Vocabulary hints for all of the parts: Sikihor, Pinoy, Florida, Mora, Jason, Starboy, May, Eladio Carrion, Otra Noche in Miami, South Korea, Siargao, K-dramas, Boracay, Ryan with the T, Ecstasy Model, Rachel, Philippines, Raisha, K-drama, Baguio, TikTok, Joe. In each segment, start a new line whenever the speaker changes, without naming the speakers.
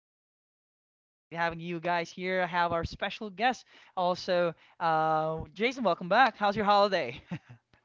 podcast. It's great having you guys here. I have our special guest, also Jason. Welcome back. How's your holiday?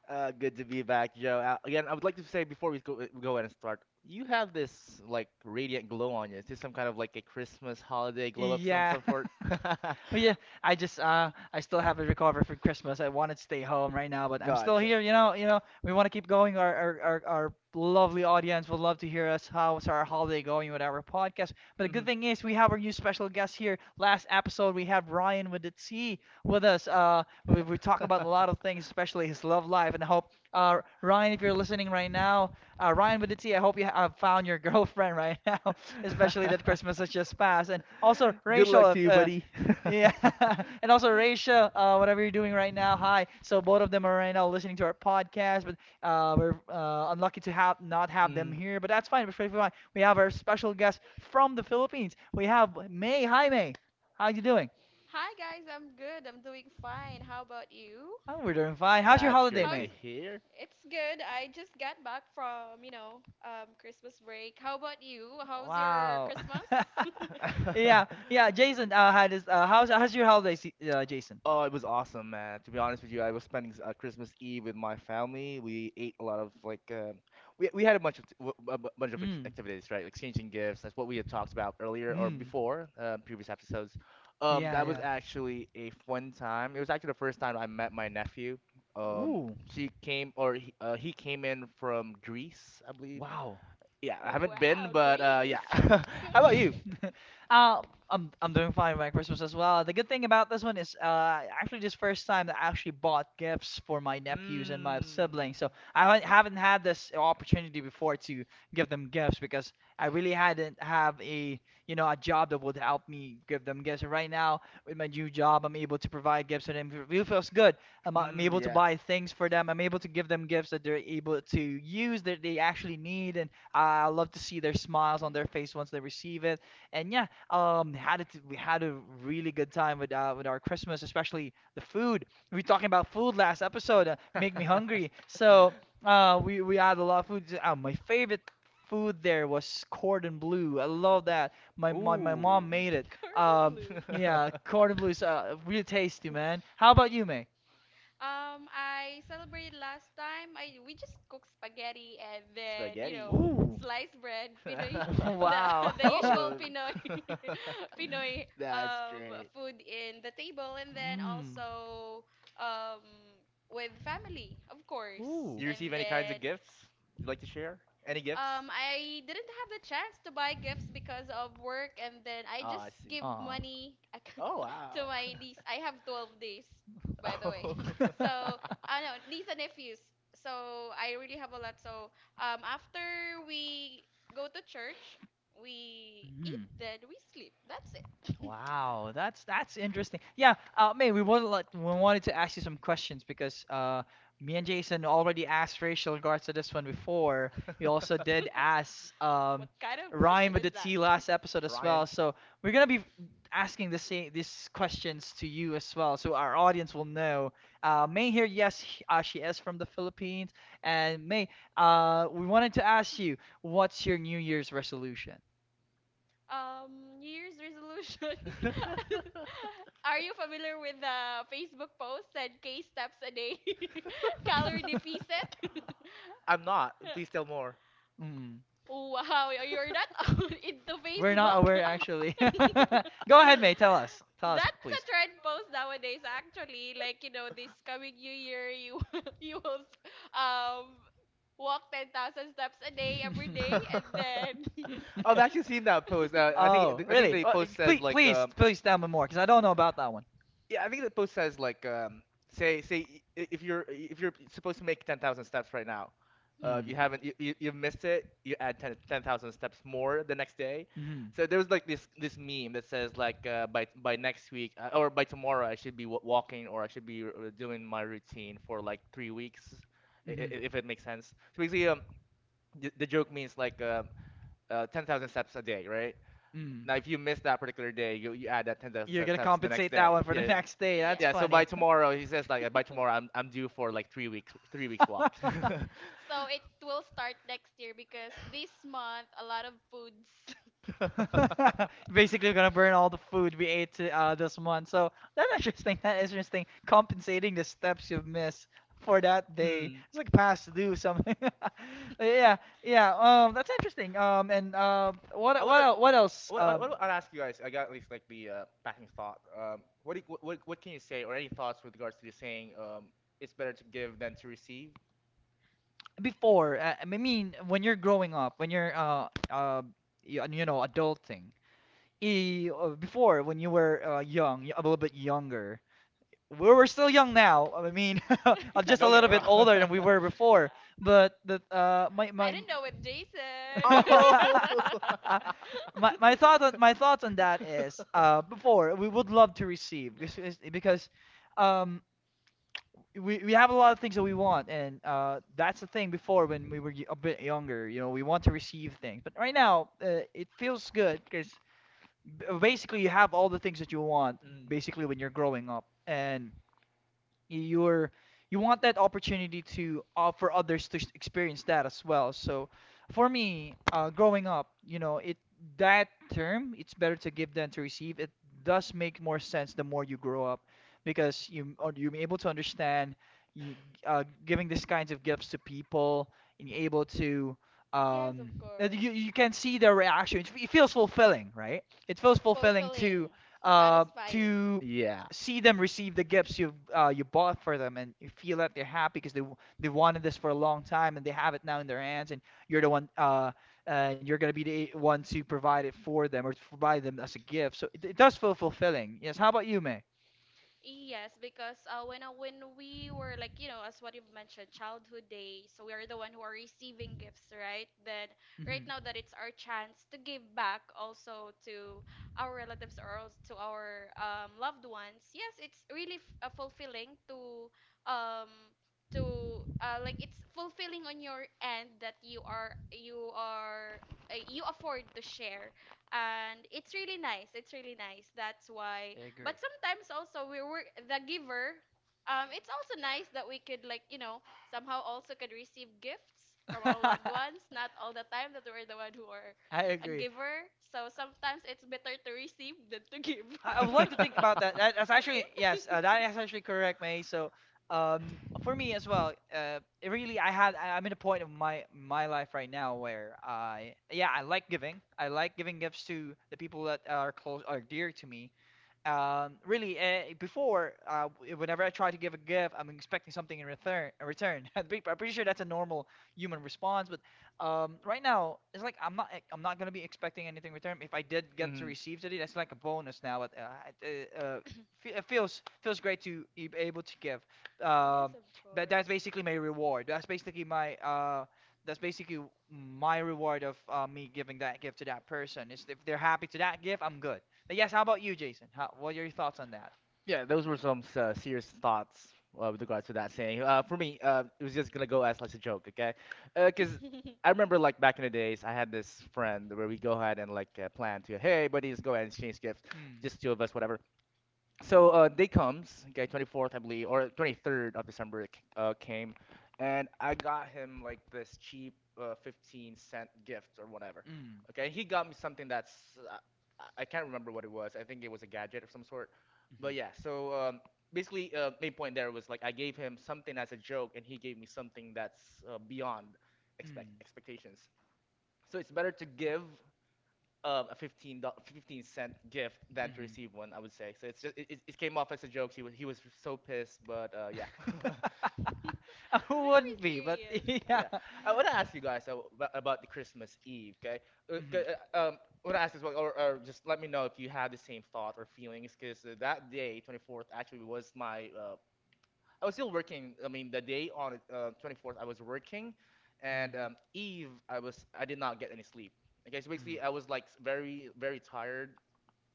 Good to be back, Joe. Again, I would like to say before we go ahead and start, you have this like radiant glow on you. Is this some kind of like a Christmas holiday glow up some
Yeah.
some sort?
But yeah, I just I still haven't recovered from Christmas. I wanted to stay home right now, but I'm still
Gotcha.
here. You know, we want to keep going. Our lovely audience would love to hear us. How's our holiday going with our podcast? But the
Hmm
good thing is we have our new special guest here. Last episode we have Ryan with the T with us. We talk about a lot of things, especially his love life, and I hope Ryan, if you're listening right now, Ryan with the T, I hope you have found your girlfriend right now, especially that Christmas has just passed. And also
Good
Rachel,
luck to
if,
you, buddy.
yeah, and also Raisha, whatever you're doing right now, hi. So both of them are right now listening to our podcast, but we're unlucky to have not have them here, but that's fine. It's perfectly fine. We have our special guest from the Philippines. We have May. Hi, May. How you doing?
Hi guys, I'm good. I'm doing fine. How about you?
Oh, we're doing fine. How's your
That's
holiday,
great
How's
to
May?
hear.
It's good. I just got back from Christmas break. How about you? How's your
Wow.
Christmas?
Yeah, yeah. Jason, how does how's how's your holiday, Jason?
Oh, it was awesome, man. To be honest with you, I was spending Christmas Eve with my family. We ate a lot of we had a bunch of
Mm.
activities, right? Exchanging gifts. That's what we had talked about earlier or
Mm.
before previous episodes.
Yeah,
That was
yeah.
actually a fun time. It was actually the first time I met my nephew. Um,
Hmm.
Ooh,
she came or he came in from Greece, I believe.
wow.
Yeah, I haven't been,
Wow,
but yeah.
Greece.
How about you?
Uh, I'm doing fine with my Christmas as well. The good thing about this one is actually this first time that I actually bought gifts for my nephews and my
Mm,
siblings. So I haven't had this opportunity before to give them gifts because I really hadn't have a you know a job that would help me give them gifts. And right now with my new job, I'm able to provide gifts to them. It really feels good. I'm able to
yeah.
buy things for them. I'm able to give them gifts that they're able to use that they actually need. And I love to see their smiles on their
Mm.
face once they receive it. And yeah, had it we had a really good time with our Christmas, especially the food. We were talking about food last episode. Make me hungry. So we had a lot of food. My favorite food there was cordon bleu. I love that. My mom
Ooh.
made it.
Cordon
Um,
bleu.
yeah, cordon bleu is really tasty, man. How about you, May?
I celebrated last time. I we just cooked spaghetti and then
Spaghetti.
Ooh.
sliced bread, Pinoy, the the usual
Oh,
Pinoy Pinoy
that's great.
food in the table, and then
Mm.
also um with family, of course,
Do
Ooh.
you receive
and
any kinds of
then
gifts? You'd like to share? Any gifts?
I didn't have the chance to buy gifts because of work, and then I
Oh,
just
I see.
give money
Oh,
to
wow.
my niece. I have 12 days, by the way.
Oh.
So, I know, niece and nephews. So, I really have a lot. So, after we go to church, we eat,
Mhm.
then we sleep. That's it.
Wow, that's interesting. Yeah, May, we wanted to ask you some questions because me and Jason already asked Rachel in regards to this one before. We also did ask
What kind of
Ryan
question
with the
is that?
T last episode as
Ryan.
well. So we're gonna be asking the same these questions to you as well, so our audience will know. May here, yes, she is from the Philippines, and May, we wanted to ask you, what's your New Year's resolution?
New Year's resolution. Are you familiar with the Facebook post that K steps a day, calorie deficit?
I'm not. Please tell more.
Mm.
Wow, you're not into
Not
Facebook?
aware actually.
That's
Go ahead, May. Tell us. Tell
a trend post nowadays, actually. Like, you know, this coming new year, you you will um walk 10,000 steps a day
you will walk
every
10,000 steps
day, and then
a day every day, and
I've
then
actually seen that post. I
Oh,
think I think
really?
the
Oh,
post says
please,
like
please, please tell me more, because I don't know about that one.
yeah, I think the post says like if you're supposed to make 10,000 steps right now, if
Mm.
you haven't you, you've missed it, you add 10 10,000 steps more the next day.
Mm-hmm.
So there was like this meme that says like by next week or by tomorrow I should be w walking or I should be doing my routine for like 3 weeks
Mm-hmm.
if it makes sense. So basically the joke means like 10,000 steps a day, right?
Mm.
Now if you miss that particular day, you add that 10,000
You're gonna
steps the next
compensate that
day.
one for the
Yeah.
next day. That's
Yes.
Yeah, so by
funny.
tomorrow, he says like by tomorrow I'm due for like 3 weeks walk.
So it will start next year because this month a lot of foods.
Basically, we're gonna burn all the food we ate to, this month. So that's interesting. That is interesting. Compensating the steps you've missed for that day.
Mm.
It's like past due something. But yeah, yeah. That's interesting. And
I
what
wanna,
el- what
I
else?
I'll ask you guys. I got at least like the passing thought. What can you say or any thoughts with regards to the saying? It's better to give than to receive.
Before I mean, when you're growing up, when you're you know adulting. Before when you were young, a little bit younger. We're still young now. I mean, I'm
Yeah,
just a
don't get me
little bit
wrong.
older than we were before. But the my
I
my
don't know with Jason.
my
Oh.
my thought on, my thoughts on that is before we would love to receive because because um, we we have a lot of things that we want and that's the thing before when we were a bit younger you know we want to receive things but right now it feels good because basically you have all the things that you want
Mm.
basically when you're growing up and you're you want that opportunity to offer others to experience that as well. So for me, growing up, you know, it that term it's better to give than to receive. It does make more sense the more you grow up because you or you're able to understand you, giving these kinds of gifts to people and you're able to
Yes,
um
of
that
course.
you can see their reaction. It feels fulfilling, right? It feels fulfilling
Fulfilling, satisfying.
to
Yeah.
see them receive the gifts you you bought for them, and you feel that they're happy because they wanted this for a long time, and they have it now in their hands, and you're the one and you're gonna be the one to provide it for them or to provide them as a gift. So it does feel fulfilling. Yes. How about you, May?
Yes, because when we were, like, you know, as what you've mentioned, childhood days. So we are the one who are receiving gifts, right? Then right
Hmm.
now that it's our chance to give back also to our relatives, or to our loved ones. Yes, it's really f fulfilling to um like it's fulfilling on your end, that you are you afford to share, and it's really nice. It's really nice. That's why. But
Agree.
sometimes also we were the giver, it's also nice that we could, like, somehow also could receive gifts from our loved ones. Not all the time that we're the one who are
I
a
agree.
giver. So sometimes it's better to receive than to give.
I would like to think about that. That's actually yes, that is actually correct, May. So, um, for me as well, it really, I had, I- I'm in a point of my my life right now where I, yeah, I like giving. I like giving gifts to the people that are close, are dear to me. Before, whenever I try to give a gift, I'm expecting something in return. A return. I'm pretty sure that's a normal human response, but right now it's like I'm not. I'm not gonna be expecting anything in return. If I did get to
Mhm.
receive today, that's like a bonus now. But it, uh, uh, it feels feels great to be able to give.
Yes,
Um,
of
but that's
course.
basically my reward. That's basically my reward of me giving that gift to that person. Is if they're happy to that gift, I'm good. But yes, how about you, Jason? How, what are your thoughts on that?
Yeah, those were some serious thoughts with regards to that saying. For me, it was just gonna go as like a joke, okay? Cause I remember like back in the days, I had this friend where we go ahead and like plan to, hey, buddies, go ahead and exchange gifts,
Mm.
just two of us, whatever. So day comes, okay, 24th, I believe, or 23rd of December came, and I got him like this cheap 15¢ gift or whatever.
Mm.
Okay, and he got me something that's uh, I can't remember what it was. I think it was a gadget of some sort.
Mhm.
But yeah, so basically, main point there was like I gave him something as a joke, and he gave me something that's beyond
Mm.
expectations. So it's better to give a 15¢ gift than to
Mhm.
receive one, I would say. So it's just it came off as a joke. He was so pissed, but yeah.
Who
Very
wouldn't be? But
serious.
yeah.
Yeah, I want to ask you guys about the Christmas Eve. Okay, uh, c-
Mhm.
uh, um, I want to ask as well, or just let me know if you had the same thought or feelings, because that day, 24th, actually was my. I was still working. I mean, the day on 24th, I was working, and Eve, I did not get any sleep. Okay, so basically,
Mhm.
I was like very tired.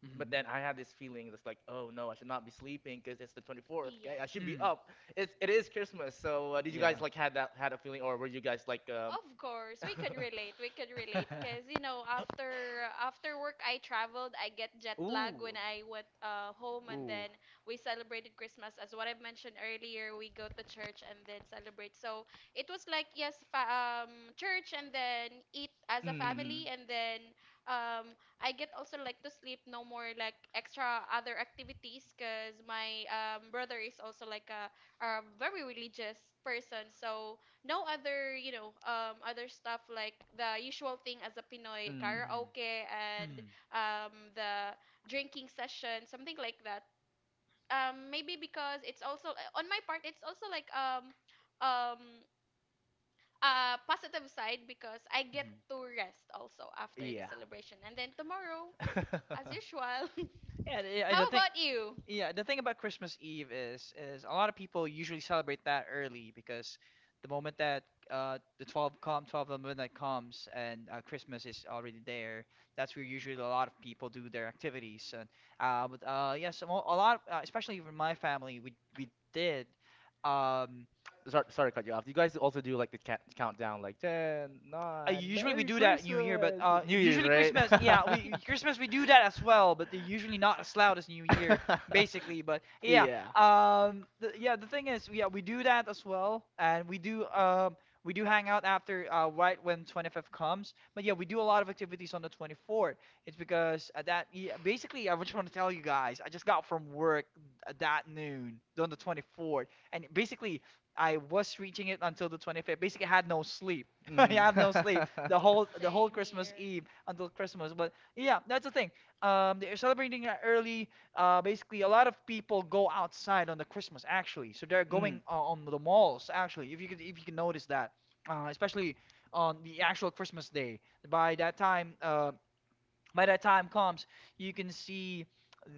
Mhm.
But
Mhm.
then I had this feeling that's like, oh no, I should not be sleeping because it's the 24th. Okay,
Yes.
I should be
Mm.
up. It is Christmas. So did you
Yeah.
guys like had a feeling, or were you guys like,
Of course, we could relate. We could relate because, after work I traveled. I get jet lag when
ooh,
I went home, and
Ooh.
then we celebrated Christmas as what I've mentioned earlier. We go to church and then celebrate. So it was like, yes, church and then eat as a
mm,
family, and then um, I get also like to sleep. No more like extra other activities because my brother is also like a very religious person. So no other you know other stuff like the usual thing as a Pinoy
mm,
karaoke
Mm. Mm.
and
Mhm.
the drinking session, something like that. Maybe because it's also on my part it's also like um a positive side, because I get to rest also after the
yeah.
celebration, and then tomorrow as usual.
Yeah, the- I
How
don't think.
about you?
Yeah, the thing about Christmas Eve is a lot of people usually celebrate that early because the moment that uh the 12 com 12 of midnight comes and Christmas is already there, that's where usually a lot of people do their activities and but yes, a lot of, especially for my family we did um
Sorry, sorry to cut you off. You guys also do like the countdown, like ten, nine.
usually we
Merry
do that New Year, but
Christmas, New Year's,
usually
right?
Christmas, yeah, we Christmas we do that as well, but they're usually not as loud as New Year, basically. But yeah,
Yeah.
yeah, the thing is, yeah, we do that as well, and we do hang out after right when 25th comes. But yeah, we do a lot of activities on the 24th. It's because at that, yeah, basically, I just want to tell you guys, I just got from work at that noon on the 24th, and basically, I was reaching it until the 25th. Basically, I had no sleep I
Mhm.
have no sleep the whole
Same
Christmas
here.
Eve until Christmas. But yeah, that's the thing. They're celebrating it early. Basically, a lot of people go outside on the Christmas actually, so they're
Mhm.
going on the malls actually. If you can notice that, especially on the actual Christmas day. By that time, uh, by that time comes, you can see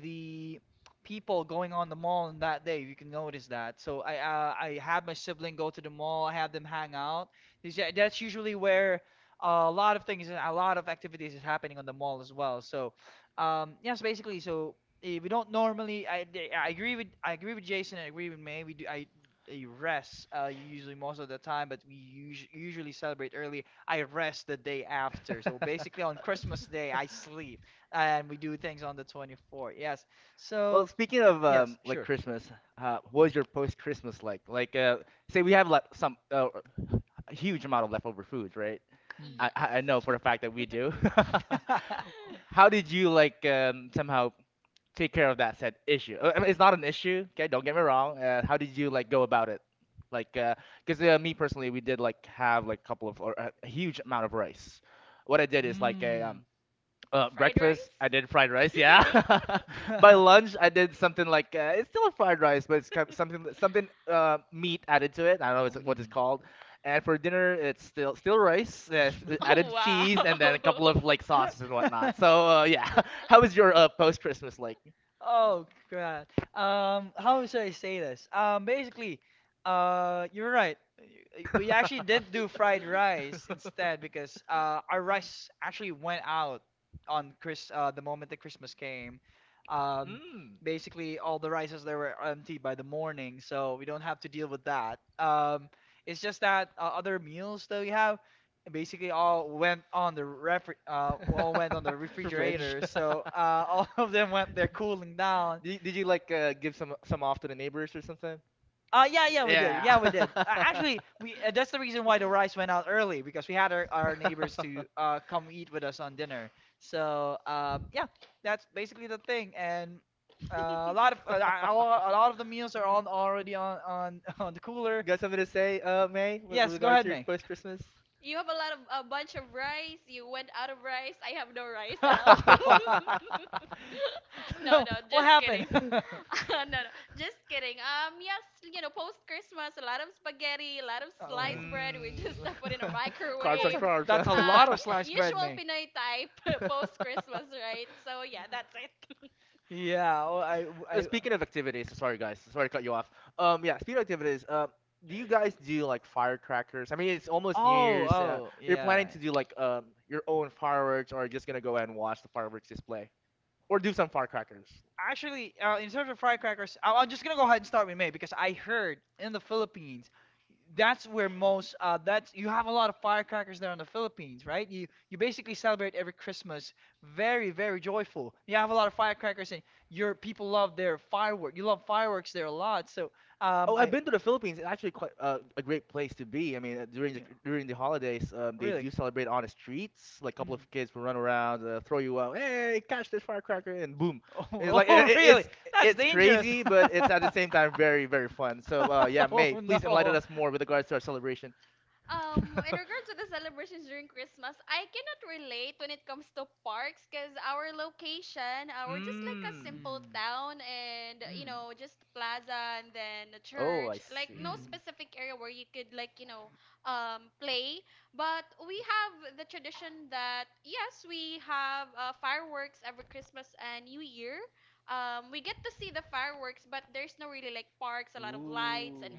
the people going on the mall on that day. You can notice that. So I had my sibling go to the mall. I have them hang out. That's usually where a lot of things, a lot of activities is happening on the mall as well. So yes, basically. So eh, we don't normally. I, they- I agree with Jason. I agree with May. We rest usually most of the time, but we us usually celebrate early. I rest the day after. So basically, on Christmas Day, I sleep, and we do things on the 24th. Yes.
Well,
So,
speaking of
yes,
like
sure.
Christmas, what was your post Christmas like? Like, say we have like some a huge amount of leftover foods, right?
Mm.
I know for
Yes.
a fact that we do. How did you like somehow take care of that said issue? I mean, it's not an issue, okay? Don't get me wrong. How did you like go about it? Like, because me personally, we did like have like a huge amount of rice. What I did is like a
Mm.
Fried
breakfast, I did fried
rice?
rice, yeah. By lunch, I did something like it's still a fried rice, but it's kind something something meat added to it. I don't know what it's called. And for dinner, it's still rice,
Oh,
added cheese, and then a
wow.
couple of like sauces and whatnot.
Mm.
So yeah, how was your post Christmas like?
Oh God. How should I say this? Basically, you're right. We actually did do fried rice instead because our rice actually went out on Chris the moment that Christmas came. Um,
Mm.
basically, all the rices there were empty by the morning, so we don't have to deal with that. It's just that other meals that we have basically all went on the ref all went on the
Fridge.
refrigerator, so all of them went there cooling down.
Did you like give some off to the neighbors or something?
Yeah, yeah, we did,
Yeah.
yeah, we did, actually we that's the reason why the rice went out early because we had our neighbors to come eat with us on dinner. So um, yeah, that's basically the thing. And a lot of a lot of the meals are on already on on the
You
cooler.
got something to say, May, with
Yes, go
regards to
ahead,
your
May.
post Christmas?
You have a bunch of rice. You went out of rice. I have no rice at all. No,
So,
no,
what
just
happened?
kidding. No, no, just kidding. Yes, post Christmas, a lot of spaghetti, a lot of
Oh.
sliced bread. We
Mm.
just put in a
Carbs and
microwave.
carbs.
Usual Pinoy type post Christmas, right? So yeah, that's it.
Yeah, oh,
Speaking of activities, sorry guys, sorry to cut you off. Yeah, speaking of activities, do you guys do like firecrackers? I mean, it's almost New
oh,
Year's.
oh,
You're planning
yeah.
to do like your own fireworks, or just gonna go and watch the fireworks display, or do some firecrackers?
Actually, in terms of firecrackers, I'm just gonna go ahead and start with May because I heard in the Philippines, that's where most that's you have a lot of firecrackers there in the Philippines, right? You basically celebrate every Christmas very very joyful. You have a lot of firecrackers, and your people love their firework. You love fireworks there a lot. So
Oh, I've
I.
been to the Philippines. It's actually quite a great place to be. I mean,
Yeah.
during the holidays, they
Really?
do celebrate on the streets. Like a couple of
Mm.
kids will run around, throw you out, hey, catch this firecracker, and boom. It's
Oh,
like
oh, really? That's
it's
dangerous.
crazy, but it's at the same time very fun. So yeah, May,
Oh no.
please enlighten
Mm.
us more with regards to our celebration.
In regards to the celebrations during Christmas, I cannot relate when it comes to parks because our location, we're just like a
Mm.
simple town and, just plaza and then a
Oh, I
church. Like,
Mm.
no
see.
Mm.
specific area where you could, like, play. But we have the tradition that, yes, we have fireworks every Christmas and New Year. We get to see the fireworks, but there's no really like parks, a lot of lights and
Ooh,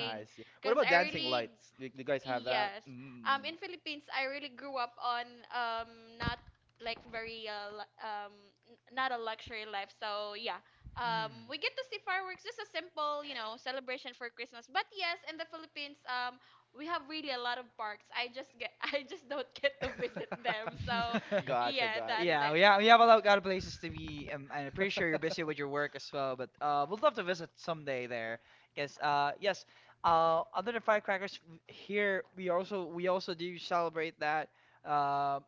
I see. What
because
about
I
dancing
really
lights? Do you guys have that?
Yes.
Mm.
In Philippines, I really grew up on not like very not a luxury life. So yeah, we get to see fireworks, just a simple, celebration for Christmas. But yes, in the Philippines, we have really a lot of parks. I just get I just don't get to visit them. So
that's
Gotcha,
yeah,
gotcha.
that's
yeah,
it.
we have a lot of places to be, and I'm pretty sure you're busy with your work as well. But we'd love to visit someday there. Yes, yes. Other than firecrackers, here we also do celebrate that uh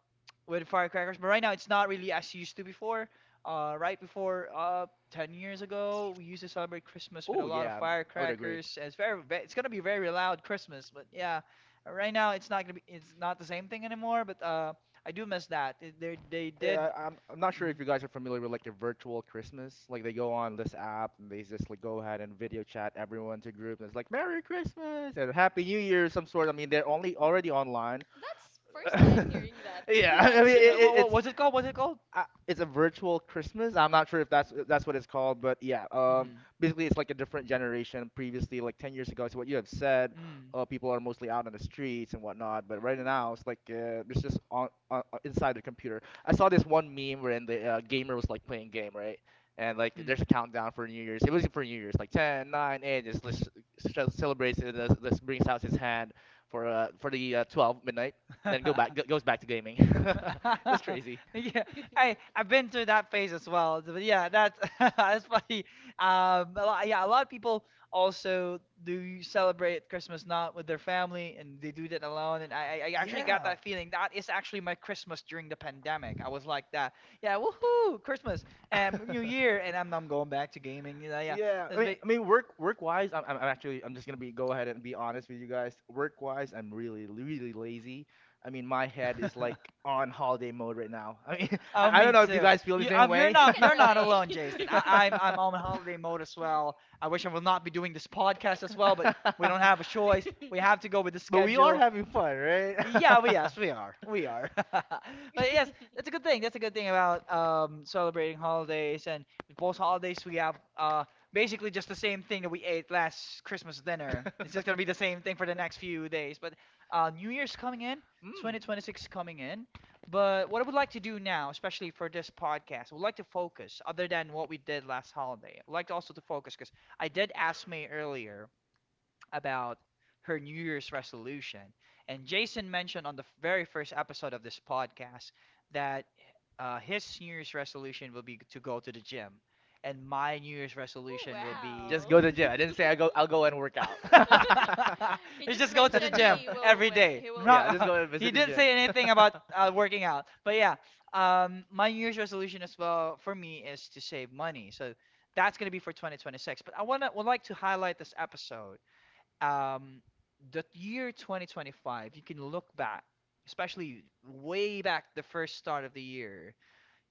with firecrackers. But right now, it's not really as used to before. Right before, 10 years ago, we used to celebrate Christmas with a
Oh
lot of
yeah, I would agree.
firecrackers. It's very, it's gonna be very loud Christmas. But yeah, right now it's not gonna be, it's not the same thing anymore. But I do miss that. It- they did.
Yeah, I'm not sure if
Mhm.
you guys are familiar with like the virtual Christmas. Like they go on this app and they just like go ahead and video chat everyone to group and it's like Merry Christmas and Happy New Year some sort. I mean they're only already online.
That's first time hearing that,
Yeah,
Yeah,
actually.
what
it's
was it called?
Mm.
What's it called?
it's a virtual Christmas. I'm not sure if that's what it's called, but yeah.
Hmm.
Basically, it's like a different generation. Previously, like 10 years ago, to what you have said,
Mm.
people are mostly out on the streets and whatnot. But right now, it's like it's just inside the computer. I saw this one meme wherein the gamer was like playing game, right? And like there's a
Mm.
countdown for New Year's. It was for New Year's, like ten, nine, 8. Just, just celebrates it. This brings out his hand for the 12 midnight. Then goes back to gaming. That's crazy.
Yeah, I I've been through that phase as well. But yeah, that's that's funny. A lot, yeah, a lot of people also do celebrate Christmas not with their family, and they do that alone. And I actually got
Yeah.
that feeling. That is actually my Christmas during the pandemic. I was like that. Yeah, woohoo, Christmas and New Year, and I'm going back to gaming. You know, yeah.
Yeah.
That's be.
Work wise, I'm actually I'm just gonna be go ahead and be honest with you guys. Work wise, I'm really lazy. I mean, my head is like on holiday mode right now. I mean,
Oh,
I don't
me
know if you
too.
guys feel the
You,
same way.
We can
you're not alone, Jason.
relate.
I'm on holiday mode as well. I wish I would not be doing this podcast as well, but we don't have a choice. We have to go with the
But we are
schedule.
having fun, right?
Yeah, we yes, we are. We are. But yes, that's a good thing. That's a good thing about celebrating holidays. And with both holidays we have basically just the same thing that we ate last Christmas dinner. It's just gonna be the same thing for the next few days. But New Year's coming in,
Mm.
2026 coming in. But what I would like to do now, especially for this podcast, I would like to focus other than what we did last holiday. I would like to also to focus because I did ask May earlier about her New Year's resolution. And Jason mentioned on the very first episode of this podcast that uh his New Year's resolution will be to go to the gym, and my New Year's
Oh,
resolution will be
Just
wow.
go to gym. I didn't say I go. I'll go and work out. Just go.
You
you
just
just go to the
mentioned
gym
he will
every day.
he will
Yeah,
Not
just
go.
go and visit
he
the
didn't
gym.
say anything about uh working out. But yeah, my New Year's resolution as well for me is to save money. So that's gonna be for 2026. But I wanna would like to highlight this episode um the year 2025, you can look back, especially way back the first start of the year.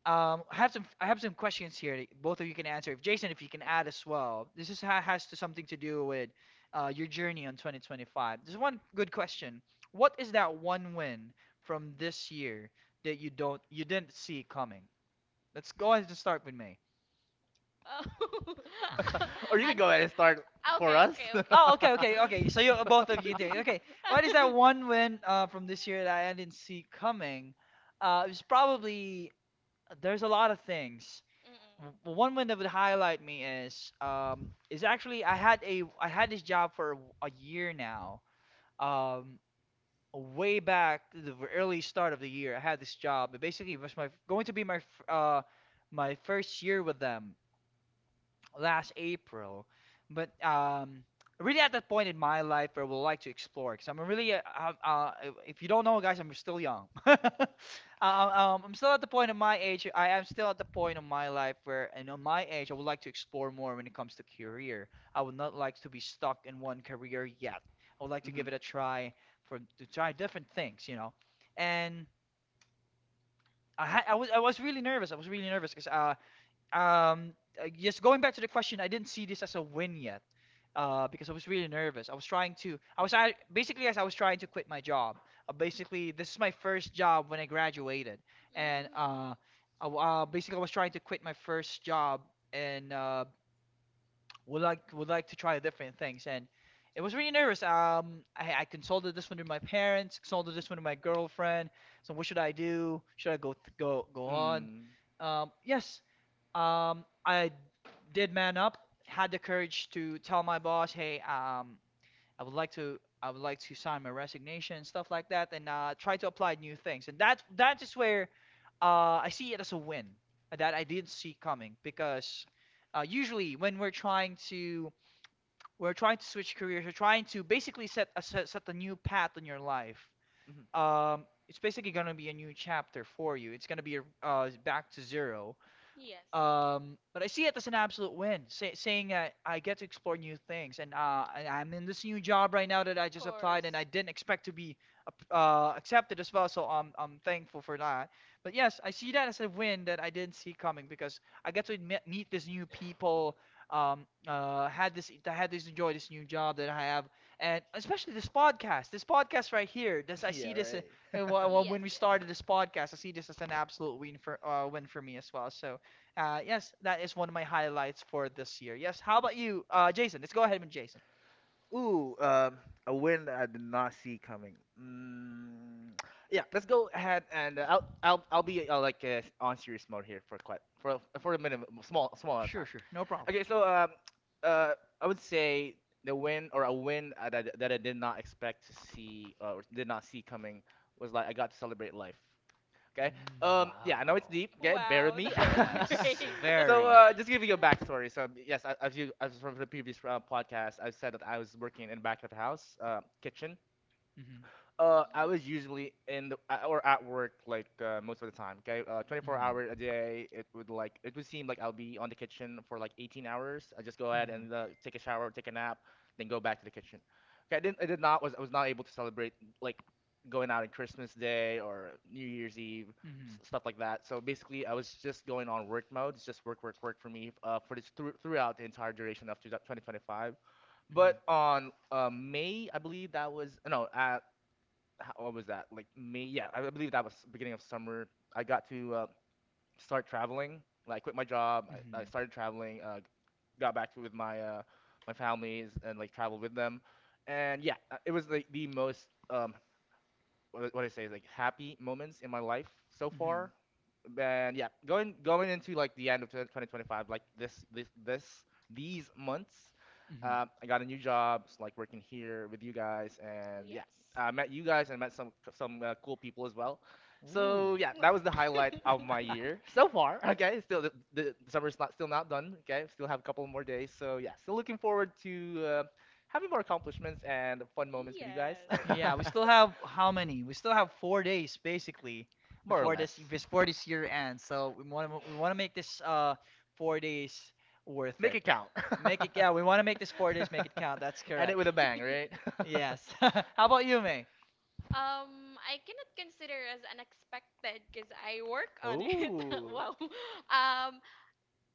I have some questions here that both of you can answer. If Jason, if you can add as well, this is ha has to, something to do with uh your journey on 2025. There's one good question. What is that one win from this year that you don't you didn't see coming? Let's go ahead and start with May.
Oh.
Or you can
Unex
go ahead and start for
Okay,
us.
okay, okay.
Oh, okay, okay, okay. So you both of you did.
Mm-mm.
Okay. What is that one win uh from this year that I didn't see coming? It was probably there's a lot of things. One win that would highlight me is um is actually I had this job for a, year now. Um, way back to the early start of the year, I had this job. It basically was my going to be my my first year with them last April. But um really at that point in my life where I would like to explore, because I'm really, if you don't know, guys, I'm still young. I'm still at the point of my age. I am still at the point of my life where, and on my age, I would like to explore more when it comes to career. I would not like to be stuck in one career yet. I would like to give
Mhm.
it a try for to try different things, you know. And I had, I was really nervous. I was really nervous because um, just going back to the question, I didn't see this as a win yet, uh because I was really nervous. I was trying to, basically as I was trying to quit my job. Basically, this is my first job when I graduated, and
Mm.
I w basically I was trying to quit my first job and uh would like to try different things. And it was really nervous. I consulted this one with my parents, consulted this one with my girlfriend. So what should I do? Should I go th go go on?
Mm.
Yes, I did man up, had the courage to tell my boss, "Hey, I would like to I would like to sign my resignation and stuff like that and try to apply new things." And that is where I see it as a win that I didn't see coming because usually when we're trying to switch careers, we're trying to basically set set a new path in your life.
Mhm.
It's basically gonna be a new chapter for you. It's gonna be back to zero
Yes.
but I see it as an absolute win, saying that I get to explore new things, and I'm in this new job right now that I
Of
just applied, and
course.
I didn't expect to be uh accepted as well, so I'm thankful for that. But yes, I see that as a win that I didn't see coming because I get to meet these new people, had this enjoy this new job that I have, and especially this podcast right here. This I see
Yeah,
this
right.
Yes,
when we
yes.
started this podcast, I see this as an absolute win for win for me as well. So. Yes, that is one of my highlights for this year. Yes, how about you, Jason? Let's go ahead with Jason.
Ooh, a win that I did not see coming. Mm, yeah, let's go ahead and I'll be on serious mode here for quite for a minute, small amount of
Sure,
time.
sure, no problem.
Okay, so uh, I would say the win or a win that I did not expect to see or did not see coming was like I got to celebrate life. Okay.
Mm,
Yeah. I know it's
wow.
deep. Okay. Bear with
Wow,
me.
that was
Yes,
great.
So,
very.
just giving you a backstory. So, yes, as you as from the previous podcast, I said that I was working in the back of the house, kitchen.
Mhm.
I was usually in the or at work like most of the time. Okay, 24
Mhm.
hours a day. It would seem like I'll be on the kitchen for like 18 hours. I just go ahead and take a shower, take a nap, then go back to the kitchen. I did not was I was not able to celebrate like going out on Christmas Day or New Year's Eve,
Mhm. Mhm.
stuff like that. So basically, I was just going on work mode. It's just work, work, work for me for this through throughout the entire duration of 2025. But on May, I believe that was no, ho- what was that? Like May? Yeah, I believe that was beginning of summer. I got to start traveling. Like, I quit my job.
Mhm.
I
Mhm.
started traveling. Got back to with my my families and like traveled with them. And yeah, it was like the most what I say is like happy moments in my life so far. And yeah, going into like the end of 2025, like this these months,
Mhm. Mhm.
I got a new job, so, like working here with you guys, and yeah,
Yes.
I met you guys and met some cool people as well. So
Ooh.
yeah, that was the highlight of my year so far. Okay, the summer's not still not done. Okay, still have a couple more days. So yeah, still looking forward to uh, having more accomplishments and fun moments with you guys,
Yeah, we still have how many? We still have 4 days basically
more or less.
before this year ends. So we want to make this 4 days worth
Make
it.
it count.
Make it yeah, we want to make this 4 days make it count. That's
End it
correct.
with a bang,
Yes.
right?
Yes. How about you, May?
I cannot consider as unexpected because I work on it.
Ooh.
Wow. Um,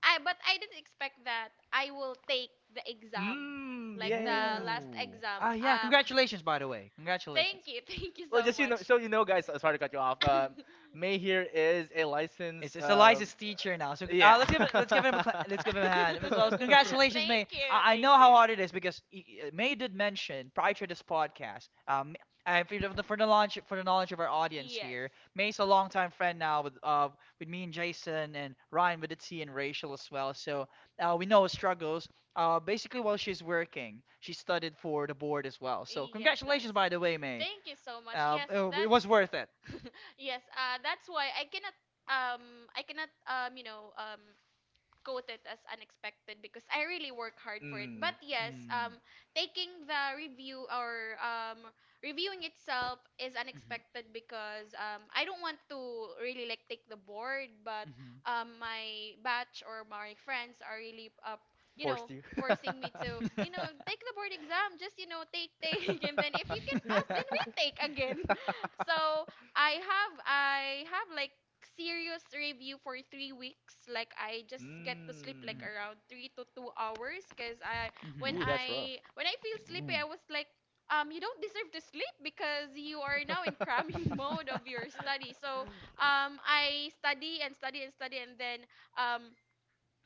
I but I didn't expect that I will take the exam,
Mmm.
like
Yeah, yeah,
the
yeah.
last
Ooh.
exam.
Ah, yeah. Congratulations, by the way. Congratulations.
Thank you, thank you
Well,
so
just you know,
much.
so you know, guys. Sorry to cut you off. May here is a licensed.
It's Eliza's teacher now. So let's give it, let's give
Yeah.
him a let's give him a hand. Well, congratulations, May.
Thank you,
I
thank
know how
you.
hard it is because y- May did mention prior to this podcast. For the launch for the knowledge of our audience
Yes.
here, May's a longtime friend now with me and Jason and Ryan with the T and Rachel as well. So we know her struggles. Basically while she's working, she studied for the board as well. So
Yes, that's.
congratulations, by the way, May.
Thank you so much. Yes,
It it
that's.
was worth it.
Yes, that's why I cannot quote it as unexpected because I really work hard for it.
Mm.
But yes, taking the review or reviewing itself is unexpected because I don't want to really like take the board, but
Mm-hmm.
my batch or my friends are really up, you
Forced
know,
you.
forcing me to, take the board exam, just, take, take, and then if you can
you
pass, then retake again. So I have like serious review for 3 weeks. Like I just get to sleep like around 3 to 2 hours, cause I when
Ooh, that's rough.
I when I feel sleepy, I was like, you don't deserve to sleep because you are now in cramming mode of your study. So I study and study and study, and then um,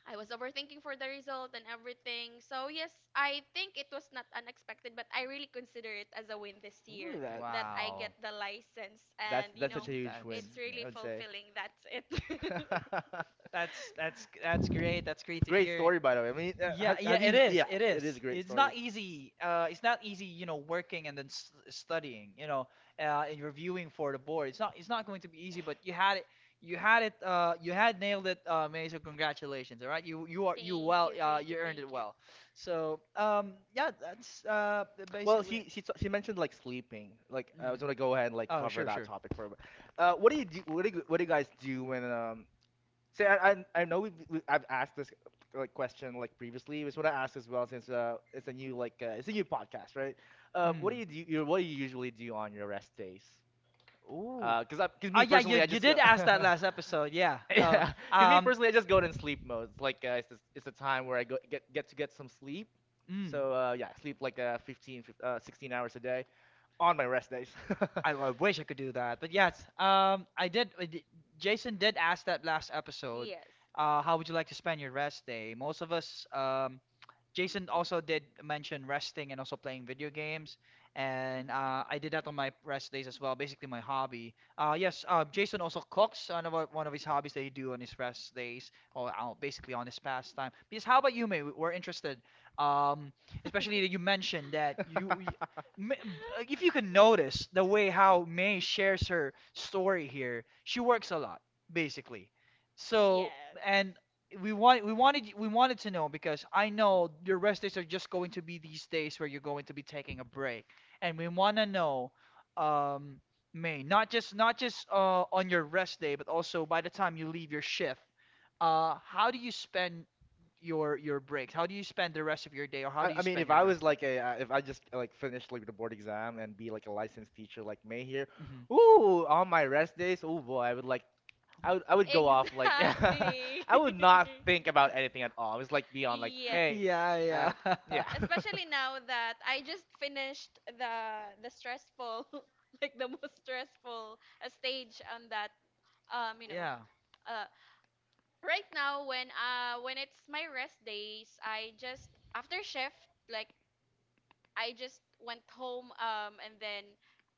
I was overthinking for the result and everything. So yes, I think it was not unexpected, but I really consider it as a win this year,
Ooh, that
that I get
Wow.
the license,
that's
and
that's such a
Mm,
huge win,
it's
yeah, I
really
would say.
fulfilling. That's it.
that's that's great. That's great to
Great
hear.
story, by the way. I mean, uh,
Yeah,
have
yeah,
have
it
you?
is.
Yeah,
It
it is a
is.
great
It's
story.
not easy. It's not easy, working and then s studying, and reviewing for the board. It's not. It's not going to be easy. But you had it. You had it. You had nailed it, May. So congratulations. All right. You are you
Thank
well.
you, thank you,
You earned
thank
it
you.
well. So yeah, that's
Well,
basically. It.
she mentioned like sleeping. Like I was
Mm.
gonna go ahead and like
Oh,
cover
sure,
that
sure.
topic for a bit. What do you guys do when um? Say I know we I've asked this like question like previously. It's what I asked as well since it's a new like it's a new podcast, right? What do
Mm.
you do? What do you usually do on your rest days?
Ooh.
Because
Oh
me
yeah, you
personally, I
you
just go.
did ask that last episode. Yeah.
Yeah, because me
Um.
personally, I just go in sleep mode. It's the, it's a time where I go get to get some sleep.
Mm.
So yeah, I sleep like 15, 16 hours a day on my rest days.
I, I wish I could do that. But yes, I did. Jason did ask that last episode.
Yes.
How would you like to spend your rest day? Most of us, Jason also did mention resting and also playing video games, and I did that on my rest days as well. Basically, my hobby. Yes, Jason also cooks. One of one of his hobbies that he do on his rest days, or basically on his pastime. Because how about you, May? We're interested. Um, especially that you mentioned that you Ma- like, if you can notice the way how May shares her story here, she works a lot basically.
Mhm.
So
Yes.
and we wanted to know because I know your rest days are just going to be these days where you're going to be taking a break, and we want to know, um, May, not just on your rest day, but also by the time you leave your shift, how do you spend your breaks? How do you spend the rest of your day, or how
I,
do you
I mean,
spend
if
your
I
rest?
was like if I just like finished like the board exam and be like a licensed teacher like May here,
Hmm.
ooh, on my rest days, oh boy, I would like I would go off like
Exactly.
I would not think about anything at all. It's like beyond like,
Yes.
hey,
yeah,
uh,
yeah,
yeah.
Especially now that I just finished the stressful, like the most stressful stage on that. um you know
yeah.
uh right now when it's my rest days. I just After shift, like, I just went home and then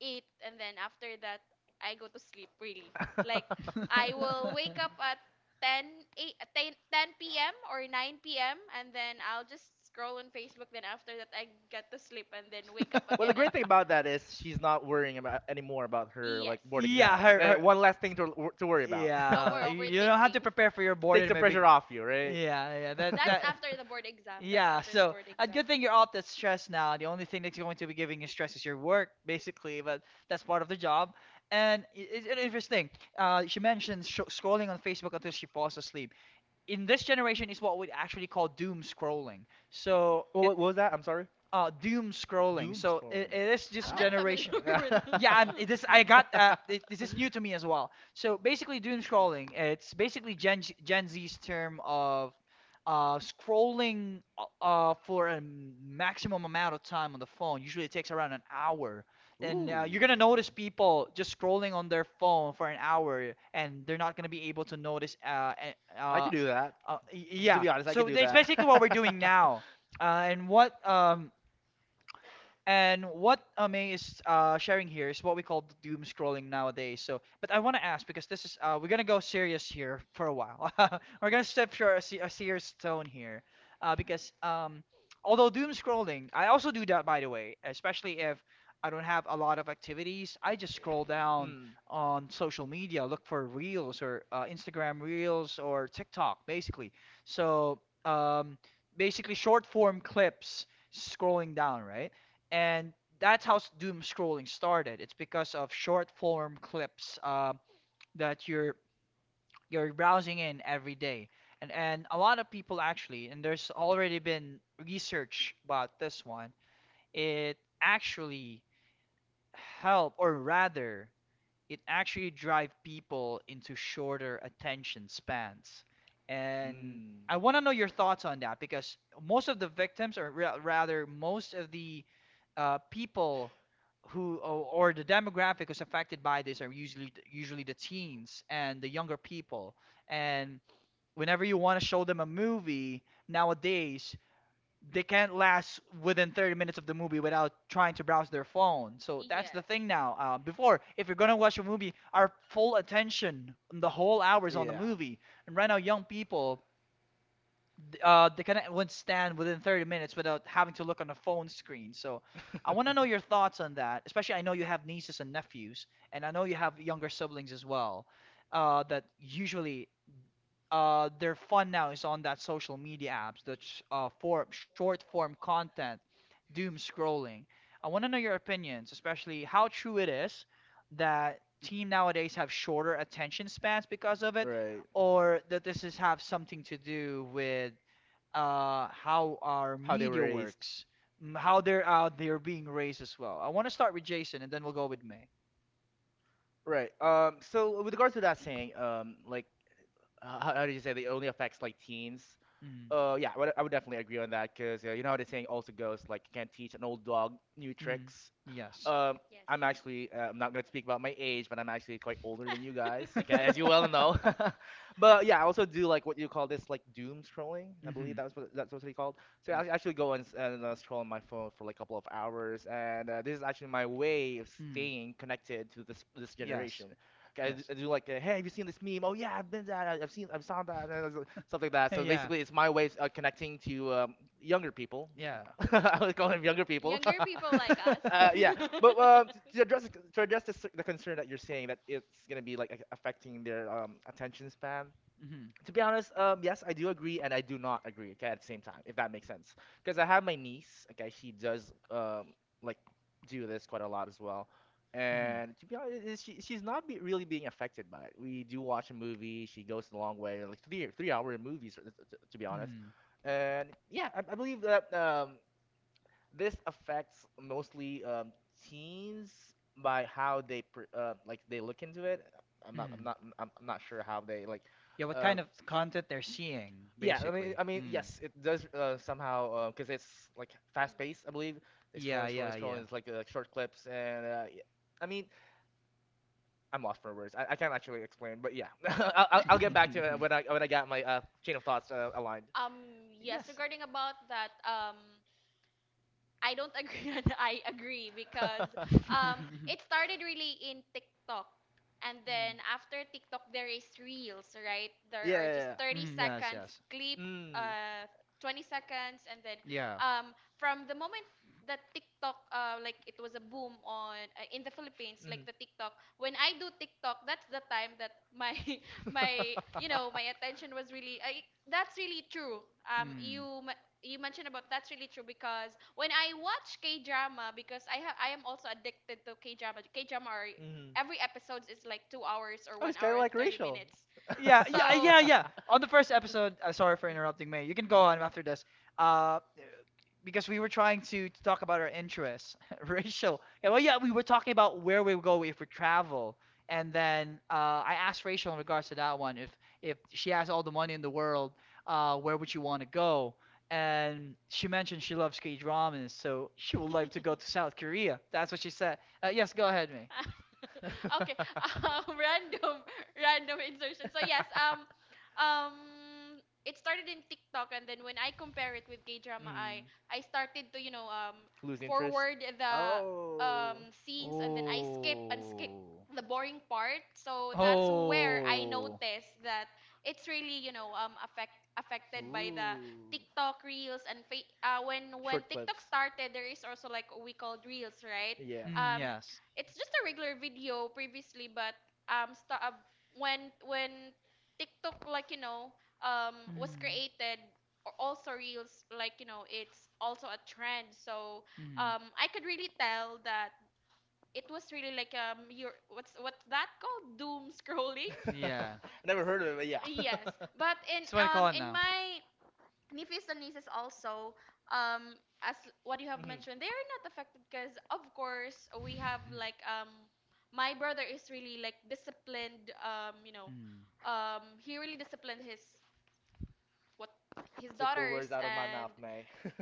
eat, and then after that I go to sleep, really like I will wake up at 10, 8, 10 p.m. or 9 p.m., and then I'll just scroll on Facebook. Then after that, I get to sleep and then wake up
Well,
again
the
at.
great thing about that is she's not worrying about anymore about her
Yes.
like board
Yeah,
exam.
her, her.
One less thing to worry about.
No more
Yeah, you don't have to
overthinking.
prepare for your
Takes
boarding
the
maybe.
pressure off you, right?
Yeah, yeah, that
That's
that.
after the board exam. That's
Yeah,
after the
so
board
a
exam.
good thing you're off that stress now. The only thing that's going to be giving you stress is your work, basically, but that's part of the job. It's an interesting. She mentioned sh scrolling on Facebook until she falls asleep. In this generation, is what we actually call doom scrolling. So it
What was that? I'm sorry.
doom scrolling.
Doom
So it,
scrolling.
it is this
I'm not
Wow.
familiar
generation.
with.
Yeah, this I got. This is new to me as well. So basically, doom scrolling. It's basically Gen Z's term of scrolling for a maximum amount of time on the phone. Usually, it takes around an hour. And
Ooh.
you're gonna notice people just scrolling on their phone for an hour, and they're not gonna be able to notice. A-
I
uh,
could do that. To
yeah.
be honest, I
So
could do
it's
that.
basically what we're doing now. Uh, and what um and what May is sharing here is what we call the doom scrolling nowadays. So, but I want to ask because this is we're gonna go serious here for a while. we're gonna step to a serious tone here, because although doom scrolling, I also do that by the way, especially if I don't have a lot of activities. I just scroll down
Hmm.
on social media, look for reels or Instagram reels or TikTok, basically. So, basically short form clips scrolling down, right? And doom scrolling started. It's because of short form clips that you're browsing in every day, and a lot of people actually, and there's already been research about this one. It actually help, or rather, it actually drive people into shorter attention spans, and
Hmm.
I want to know your thoughts on that because most of the victims rather most of the people who or the demographic who's affected by this are usually the teens and the younger people, and whenever you want to show them a movie nowadays they can't last within 30 minutes of the movie without trying to browse their phone. So that's
Yes.
the thing
Yes.
now. Before, if you're gonna watch a movie, our full attention, the whole hours on the
Yeah.
movie. And right now, young people, they cannot withstand within 30 minutes without having to look on a phone screen. So I want to know your thoughts on that. Especially, I know you have nieces and nephews, and I know you have younger siblings as well. That usually their fun now is on that social media apps, the short form content, doom scrolling. I want to know your opinions, especially how true it is that team nowadays have shorter attention spans because of it,
Right.
or that this is have something to do with how our
How they were
media
raised.
works, mm, how they're being raised as well. I want to start with Jason, and then we'll go with May.
Right. So with regards to that saying, how did you say that it only affects like teens?
Mm,
Yeah, I would definitely agree on that because you know how the saying also goes like you can't teach an old dog new
mm,
tricks.
yes.
Um, I'm actually I'm not gonna speak about my age, but I'm actually quite older than you guys. Okay, as you well know. But yeah, I also do like what you call this like doom scrolling. I believe
Hmm.
that was what that's what it's called. So
Yes.
I actually go and, scroll on my phone for like a couple of hours, and this is actually my way of
Mm.
staying connected to this this
Yes.
generation. Okay,
Yes.
I do, like, hey, have you seen this meme? Oh yeah, I've been that. I've saw that, and stuff like that. So
Yeah.
basically, it's my way of connecting to younger people.
Yeah.
Ye-
I would call them younger people.
Younger people like us.
Yeah, but to address the, the concern that you're saying that it's gonna be like affecting their attention span.
hmm,
To be honest, yes, I do agree and I do not agree. Okay, at the same time, if that makes sense, because I have my niece. Okay, she does like do this quite a lot as well,
hmm,
and to be honest, she she's not be, really being affected by it. We do watch a movie. She goes the long way, like 3 three-hour movies. To be honest,
mm,
and yeah, I believe that this affects mostly teens by how they per, like they look into it.
mm.
I'm not sure how they like
Yeah, what
uh,
kind of content they're seeing,
yeah, I mean
basically.
I mean
Mm.
yes, it does somehow because it's like fast
Mm.
paced, I believe. They
Yeah, yeah,
scrolling
yeah.
it's like short clips and I mean, I'm lost for words. I can't actually explain, but yeah, I'll get back to it when I got my chain of thoughts aligned.
Um, yes,
Yes.
regarding about that, I don't agree and I agree because it started really in TikTok. And then after TikTok there is reels, right? There are just
Mm.
30
Mm, yes,
seconds
yes.
clip uh 20 seconds, and then
Yeah.
from the moment that TikTok like it was a boom on in the Philippines, like the TikTok, when I do TikTok, that's the time that my my you know my attention was really. I That's really true.
Mm.
You mentioned about, that's really true, because when I watch K drama, because I am also addicted to K drama. K drama are
Mhm.
every episode is like 2 hours or 1 hour and 30 minutes.
Yeah, yeah,
So
yeah, yeah. On the first episode, sorry for interrupting, May. You can go on after this. Uh, because we were trying to talk about our interests, Rachel. Yeah, well, yeah, we were talking about where we would go if we travel, and then I asked Rachel in regards to that one, if she has all the money in the world, where would she want to go? And she mentioned she loves K-dramas, so she would like to go to South Korea. That's what she said. Yes, go ahead, May.
okay. Random insertion. So yes, um it started in TikTok, and then when I compare it with K-drama, I
Mm,
I started to,
lose interest.
forward the
Oh.
scenes, and then I skip and
Oh.
skip the boring part. So that's where I
Oh.
noticed that it's really, affected by the
Ooh.
TikTok reels and when
Short clips.
TikTok started, there is also like what we called reels, right?
Yeah.
Mm,
um
yes.
it's just a regular video previously, but sta when TikTok, like, was
Mm.
created, or also reels, like, it's also a trend. So
Mm.
I could really tell that it was really like your what's that called doom scrolling.
Yeah.
Never heard of it, but yeah.
Yes, but in
It's what I call
um
it
in
now.
my nephews and nieces also, um as what you have
Mhm.
mentioned, they are not affected because of course we have like my brother is really like disciplined,
Mm.
he really disciplined his what his
Took the
daughters
words out of my
and
mouth, May.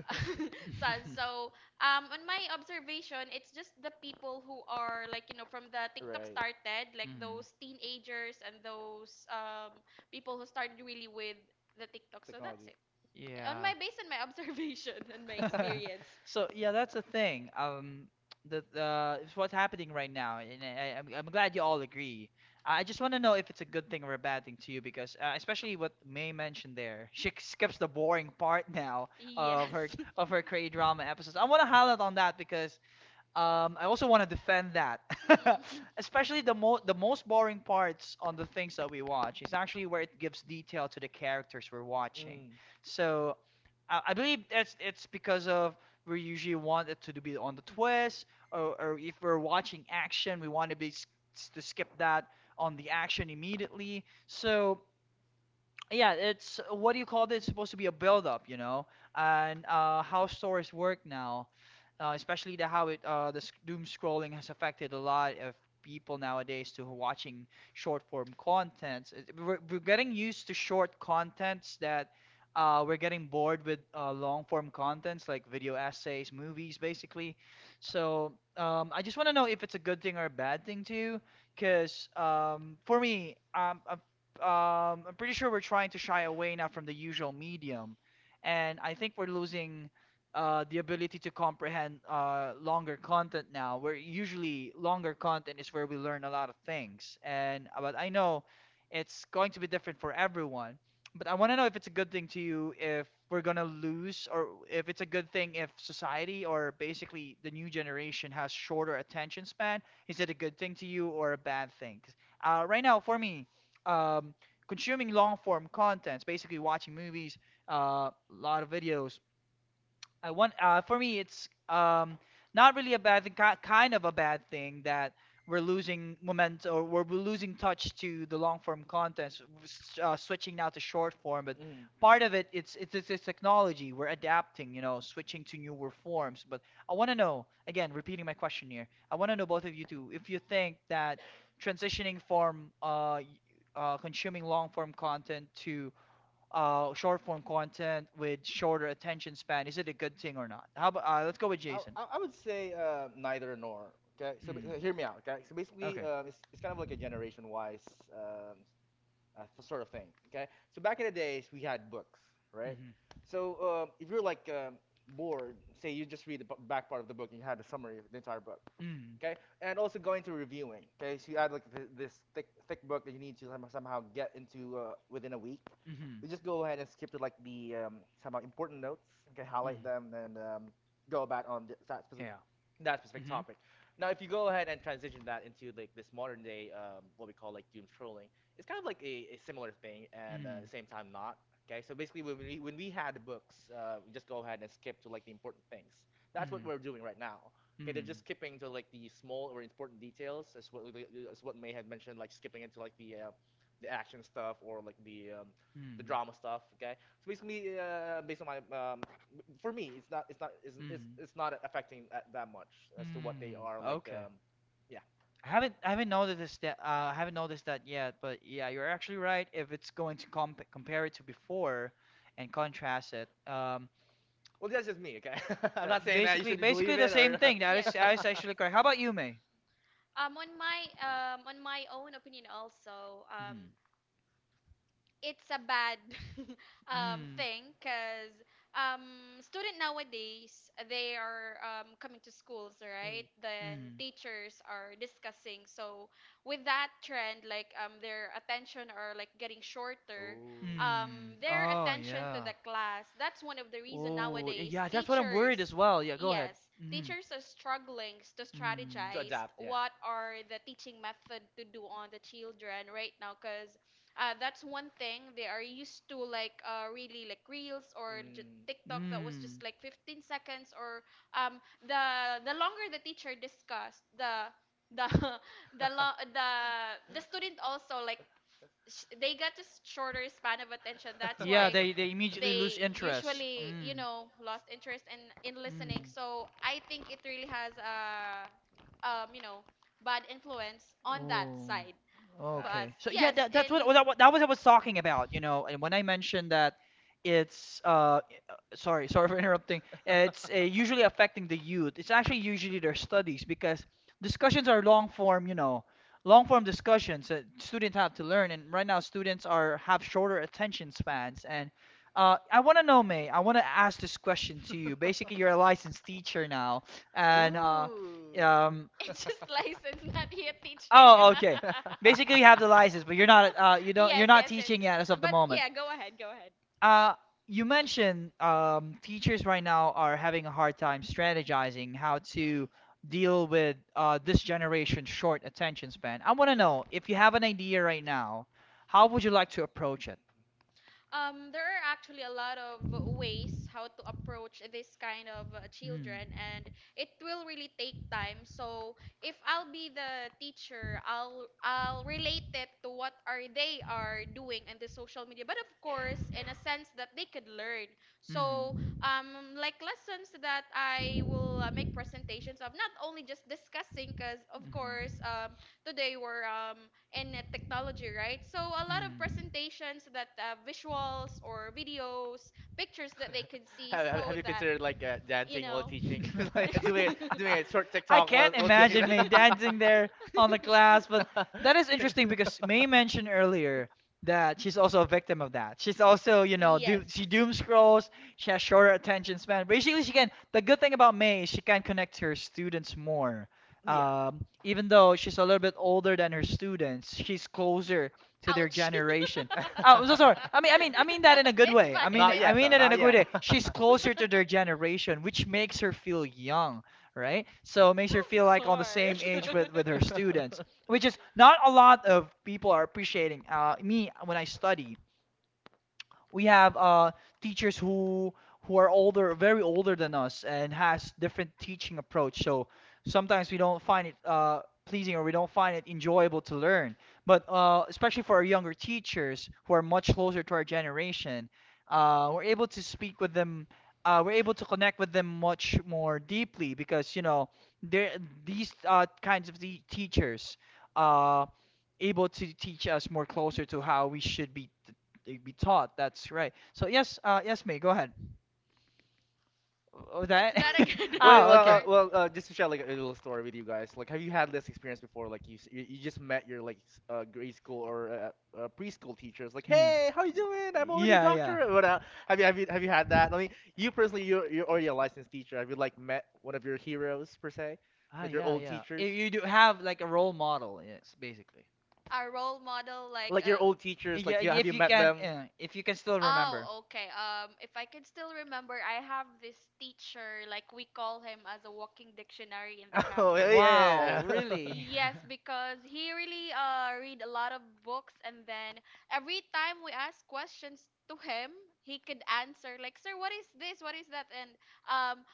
sons.
um,
So on my observation it's just the people who are like, from the tiktok started, like
Mhm.
those teenagers and those people who started really with the tiktok. So that's it,
Yeah.
on
Yeah.
my based on my observation and my experience.
So yeah, that's the thing. The it's what's happening right now, and I'm glad you all agree. I just want to know if it's a good thing or a bad thing to you, because especially what May mentioned there, she skips the boring part now of her
Yes.
of her K drama episodes. I want to highlight on that because um, I also want to defend that,
Mm-mm.
especially the most boring parts on the things that we watch is actually where it gives detail to the characters we're watching. So I believe that's it's because of we usually want it to be on the twist, or if we're watching action, we want to be to skip that on the action immediately. So yeah, it's what do you call this? It's supposed to be a build up, you know? And how stories work now, especially the how it the sc- doom scrolling has affected a lot of people nowadays to watching short form contents. We're getting used to short contents that we're getting bored with long form contents like video essays, movies, basically. So I just want to know if it's a good thing or a bad thing to you, because I'm pretty sure we're trying to shy away now from the usual medium, and I think we're losing the ability to comprehend longer content now. Where usually longer content is where we learn a lot of things, and but I know it's going to be different for everyone. But I want to know if it's a good thing to you if we're gonna lose, or if it's a good thing if society or basically the new generation has shorter attention span. Is it a good thing to you or a bad thing? 'Cause, uh, right now, for me, um, consuming long form contents, basically watching movies, a lot of videos, I want for me it's not really a bad thing, kind of a bad thing that we're losing moment or we're losing touch to the long form content, switching now to short form. But
Mm, But mm.
part of it, it's technology. We're adapting, you know, switching to newer forms. But I want to know again, repeating my question here. I want to know both of you two if you think that transitioning from consuming long form content to short form content with shorter attention span? Is it a good thing or not? How about let's go
would
with
I, you
Jason.
I would say neither nor. Okay, so
Mm,
hear me out. Okay, so basically,
okay.
it's kind of like a generation-wise um sort of thing. Okay, so back in the days we had books, right?
Mhm.
So if you're like bored, say you just read the back part of the book and you had a summary of the entire book
Mm,
okay? And also go into reviewing, okay? So you add like this thick thick book that you need to somehow get into within a week.
mhm.
You just go ahead and skip to like the somehow important notes, okay? Highlight
Mm,
them and go about on that specific
yeah. Mhm.
topic. Now, if you go ahead and transition that into like this modern day what we call like doom scrolling, it's kind of like a similar thing and at the
Mm,
same time not. Okay, so basically when we had books, we just go ahead and skip to like the important things. That's what
mm,
we're doing right now. Okay, they're just
mm,
skipping to like the small or important details, as what May had mentioned, like skipping into like the action stuff or like the
mm,
drama stuff. Okay, so basically, based on my for me,
mm,
it's not affecting that much as to what they
mm.
are like.
Okay.
Yeah,
I haven't noticed that I haven't noticed that yet, but yeah, you're actually right. If it's going to compare it to before and contrast it,
well, that's just me. Okay, I'm not
that
saying that you should believe
basically the
it
same
or.
thing.
Yes,
That
yes,
is
yes.
actually correct. How about you, May?
On my on my own opinion also, it's a bad thing because student nowadays they are coming to schools, right, then teachers are discussing, so with that trend, like their attention are like getting shorter,
Oh.
Mm.
um, their
Oh,
attention to
yeah.
the class. That's one of the reason
Oh,
nowadays
yeah, that's what I'm worried as
teachers,
well. Yeah, go ahead.
yes,
Hmm.
teachers are struggling to strategize what are the teaching method to do on the children right now, because that's one thing they are used to, like really like reels or
Mm.
TikTok, that was just
Mm.
like 15 seconds or the longer the teacher discussed, the the lo- the the student also like, they got just shorter span of attention. That's
Yeah,
why
they immediately lose
they
interest.
usually, you
Mm.
know, lost interest in listening.
Mm.
So I think it really has a um you know bad influence on that
Oh,
side.
I
But
okay. So
see.
yeah,
yes,
that's
and
what- that was I was talking about, you know, and when I mentioned that it's uh i- sorry, sorry for interrupting. It's usually affecting the youth. It's actually usually their studies because discussions are long form, you know, long form discussions that students have to learn, and right now students are have shorter attention spans. And I want to know, May, I want to ask this question to you. Basically, you're a licensed teacher now,
Ooh.
and um,
it's just license, not yet teaching.
oh, okay. Basically, you have the license, but you're not, you don't you're
Yes,
not
yes, yes.
teaching yet as of the
But
moment.
yeah, go ahead, go ahead.
Uh, you mentioned teachers right now are having a hard time strategizing how to deal with this generation's short attention span. I want to know if you have an idea right now, how would you like to approach it?
There are actually a lot of ways how to approach this kind of children, and it will really take time. So if I'll be the teacher, I'll relate it to what are they are doing in the social media, but of course in a sense that they could learn. So
Mm.
like lessons that I will make presentations of, not only just discussing, because of course today we're in technology, right? So a lot of presentations, that visuals or videos, pictures that they could see, so
Have you
that
considered like
you
dancing while
know.
teaching,
Mhm.
like doing a short
I
TikTok
can't
while teaching
imagine
them?
May dancing there on the glass, but that is interesting because May mentioned earlier that she's also a victim of that. She's also, you know,
Yes.
she doom scrolls, she has shorter attention span. Basically, she can. The good thing about May is she can connect to her students more.
Yeah.
Even though she's a little bit older than her students, she's closer to their
Ouch.
generation.
No,
Oh, I'm so sorry. I mean, I mean, I mean that in a good
it's
way.
fine.
Not
It's
I
yet,
mean
though.
it in
Not
a good
yet.
way. She's closer to
fine.
their generation, which makes her feel young, right? So it makes her
Of
feel like on the same
course.
age with her students, which is not a lot of people are appreciating. Me when I study, we have teachers who are older, very older than us, and has different teaching approach. So sometimes we don't find it pleasing or we don't find it enjoyable to learn. But especially for our younger teachers who are much closer to our generation, we're able to speak with them. We're able to connect with them much more deeply because you know they're these kinds of the teachers. Uh, able to teach us more closer to how we should be they be taught. That's right. So yes, yes, me. Go ahead. Oh,
What's
that.
that again? I'm
Oh,
so
okay.
sorry.
Just to share like a little story with you guys. Like, have you had this experience before? Like, you just met your like grade school or preschool teachers. Like,
Hmm.
hey, how you doing? I'm already a
Yeah, yeah.
doctor. Or what have you had that? I mean, you personally, you're already a licensed teacher. Have you like met one of your heroes per se,
Ah,
like your
yeah,
old
yeah.
teachers?
If you do have like a role model, yes, basically.
Our role model, like,
Like your old teachers,
Yeah,
like you have you met them?
if you can still remember.
oh, okay. If I can still remember, I have this teacher, like we call him as a walking dictionary in the
Oh
campus.
yeah, yeah,
Wow,
yeah. Yeah.
really?
Yes, because he really read a lot of books, and then every time we ask questions to him, he could answer like, "Sir, what is this? What is that?" And um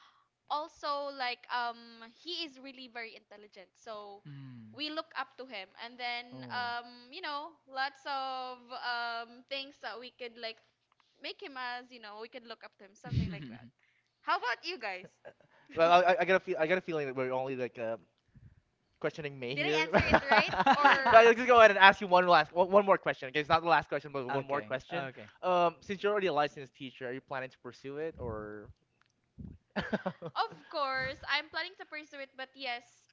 also like he is really very intelligent, so
Mm.
we look up to him, and then
Oh.
you know, lots of things that we could like make him as, you know, we could look up to him, something like that. How about you guys?
Well, I got a I got a feeling that we're only like questioning May
Did I
here.
answer it right,
But
or?
I'll just go ahead and ask you one one more question. Okay, it's not the last question, but one more
Okay.
question.
Okay.
Since you're already a licensed teacher, are you planning to pursue it or?
Of course, I'm planning to pursue it, but yes,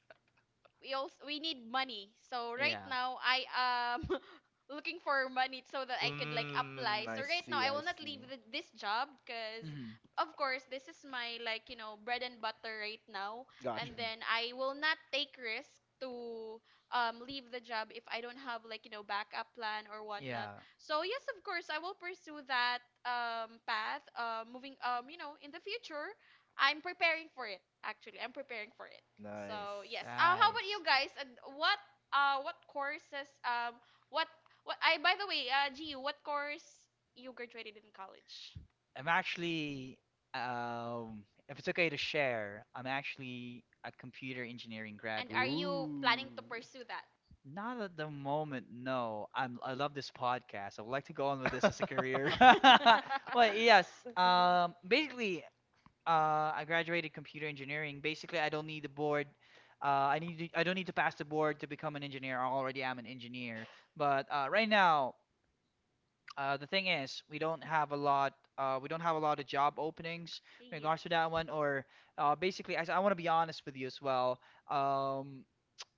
we also we need money. So right
Yeah.
now I am looking for money so that I could like
Mm,
apply.
I
So right now
see,
I
I
will not leave
see.
the, this job, because
Mhm.
of course this is my, like, you know, bread and butter right now.
Gotcha.
And
Hmm.
then I will not take risk to leave the job if I don't have, like, you know, backup plan or whatnot.
Yeah,
So yes, of course I will pursue that path. Moving you know, in the future, I'm preparing for it. Actually, I'm preparing for it.
Nice.
So yes. How
nice.
about you guys? And what courses what what I, by the way, G U, what course you graduated in college?
I'm actually, if it's okay to share, I'm actually a computer engineering
And
graduate.
are you
Ooh.
planning to pursue that?
Not at the moment, no. I'm I love this podcast. I would like to go on with this
I,
as a career. But yes, basically I graduated computer engineering. Basically, I don't need the board. I don't need to pass the board to become an engineer. I already am an engineer. But right now, the thing is, we don't have a lot. We don't have a lot of job openings in regards
Yes.
to that one. Or basically, I want to be honest with you as well. Um,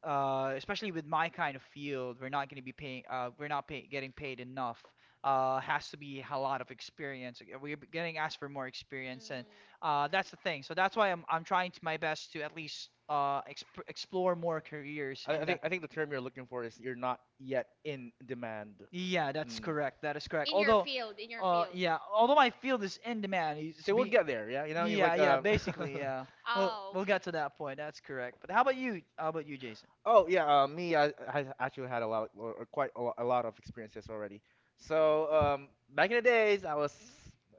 especially with my kind of field, we're not going to be paying. We're not pay, getting paid enough. Has to be a lot of experience. We're getting asked for more experience, and
Mm,
that's the thing. So that's why I'm trying to my best to at least explore more careers in
I
the.
think I think the term you're looking for is you're not yet in demand.
Yeah, that's
Mm.
correct. That is correct.
in your
Although,
field, in your field.
yeah, although my field is in demand, it's
So we'll
be.
get there, yeah. You know, it's
Yeah,
like
yeah, basically, yeah. Well,
Oh,
we'll
okay.
get to that point. That's correct. But how about you? How about you, Jason?
Oh yeah, me, I actually had a lot or quite a, a lot of experiences already. So back in the days, I was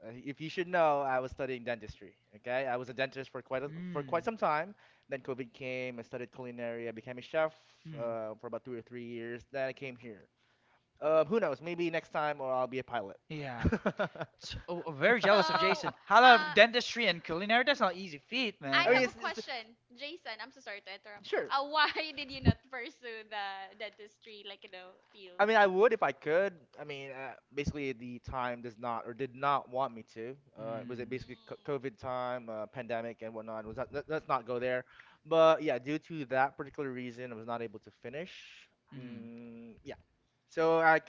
if you should know, I was studying dentistry. Okay, I was a dentist for for
Hmm.
quite some time. Then COVID came. I studied culinary. I became a chef for about 2 or 3 years. Then I came here. Who knows? Maybe next time, or I'll be a pilot.
Yeah. So, oh, oh, very
So,
jealous of Jason. How about dentistry and culinary? That's not easy feat, man.
I
I mean,
have
And
a
it's, it's,
question, Jason. I'm so sorry to interrupt.
Sure.
Why did you not pursue the dentistry, like, you know, field?
I mean, I would if I could. I mean, basically the time does not or did not want me to. Was it
mm,
basically COVID time, pandemic and whatnot? Was that? Let, let's not go there. But yeah, due to that particular reason, I was not able to finish.
mm,
Mm, yeah. So I,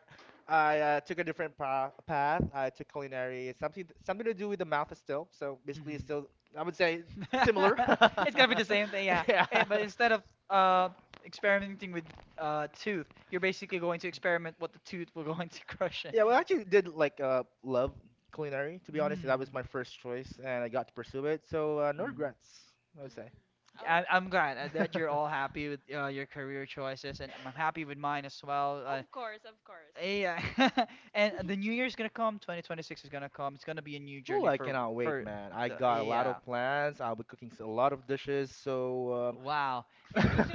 I took a different path. I took culinary. It's something something to do with the mouth is still. So basically, it's
mm.
still, I would say, similar.
Mm.
It's gonna be the same thing, yeah.
Yeah.
Eh, but instead of
Mm,
uh, experimenting with tooth, you're basically going to experiment what the tooth will going to crush. In.
Yeah, well, I actually did like love culinary. To be honest, that was
Mm.
my first choice, and I got to pursue it. So no
Mm.
regrets, I would say.
oh, okay.
I'm glad that you're all happy with your career choices, and I'm happy with mine as well.
Of course, of course.
Eh, yeah, and the new year's gonna come. 2026 is gonna come. It's gonna be a new
Oh,
journey
I cannot wait,
for
man. I
the
got a lot
yeah.
of plans. I'll be cooking a lot of dishes. So, um...
Wow. And J-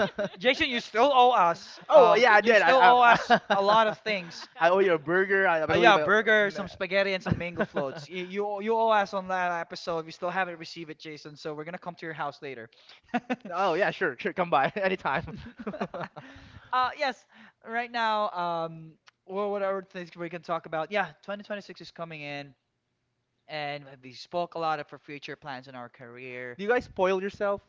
Jason, you still owe us.
oh yeah, I
You
did.
still owe us a lot of things.
I owe you a burger. I believe.
Yeah,
I...
burger, some spaghetti, and some mango floats. You owe us on that episode. We still haven't received it, Jason. So we're gonna come to your house later.
Oh yeah, sure, sure. Come by anytime. Do
Uh, yes. Right now, well, what other things we can talk about? Yeah, 2026 is coming in, and we spoke a lot of our future plans in our career.
you guys spoil yourself?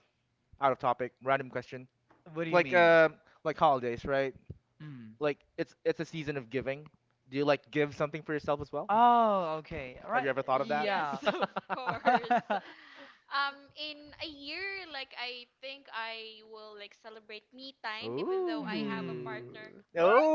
Out of topic, random question.
What do you
Like
mean?
like holidays, right?
Hmm.
Like it's a season of giving. Do you like give something for yourself as well?
Oh, okay. All
Have you
right.
ever thought of that?
Yes,
Yeah.
of course. In a year, like, I think I will like celebrate me time, even though
Ooh.
I have a
Mm.
partner.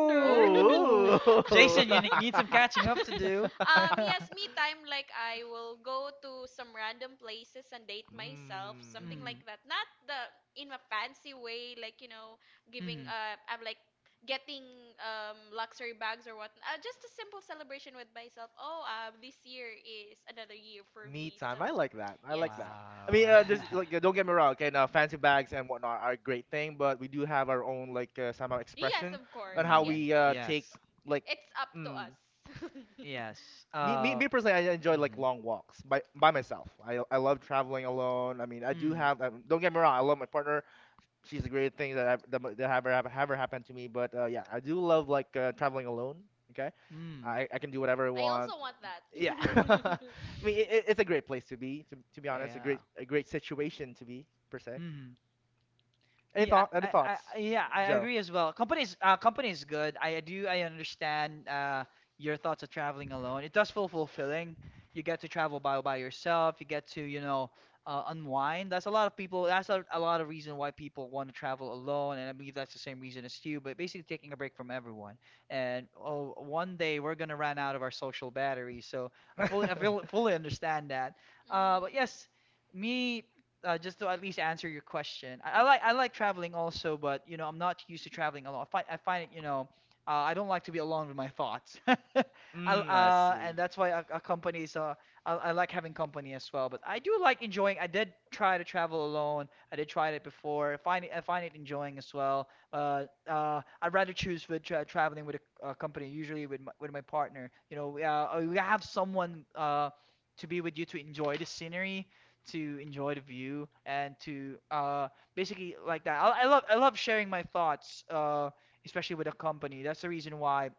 Nerd.
Oh, Jason, you need some catching up to do.
Yes, me time, like I will go to some random places and date myself, something
Mm.
Mm.
like that, not the in a fancy way, like, you know, giving
Mm.
I'm like getting luxury bags or what. Just a simple celebration with myself. Oh, this year is another year for
Me
me, so
time. I like that. I like
yes.
that. I mean,
Wow.
there's like don't get me wrong. Okay, now fancy bags and whatnot are a great thing, but we do have our own like somehow
Yes,
expression
of
on
course,
how
yes,
Mm.
we
yes,
take like.
it's up to
Mm,
us.
Yes. Yes.
me personally, I enjoy like
Mhm.
long walks by myself. I love traveling alone. I mean, I do
Mm.
have. Don't get me wrong. I love my partner, she's a great thing that that have ever happened to me. But yeah, I do love like traveling alone. Okay,
Mm.
I can do whatever I
I
want.
also want that.
Yeah, I mean it's a great place to be. To be honest,
Yeah.
a great situation to be per se.
Mm.
Any
Yeah,
thought? Any thoughts,
yeah, I
Joe?
agree as well. Companies, companies good. I understand your thoughts of traveling alone. It does feel fulfilling. You get to travel by yourself. You get to, you know, unwind. That's a lot of people. That's a lot of reason why people want to travel alone, and I believe that's the same reason as you. But basically, taking a break from everyone. And oh, one day we're gonna run out of our social batteries. So I feel, fully understand that.
Mm.
But yes, me. Uh, just to at least answer your question, I like traveling also, but you know I'm not used to traveling alone. I find it you know I don't like to be alone with my thoughts. I,
Mm, I see.
and that's why a company is I like having company as well. But I do like enjoying. I did try to travel alone. I did try it before. I find it enjoying as well. I'd rather choose with traveling with a company, usually with with my partner. We have someone to be with you to enjoy the scenery to enjoy the view and to basically like that. I love sharing my thoughts, especially with a company.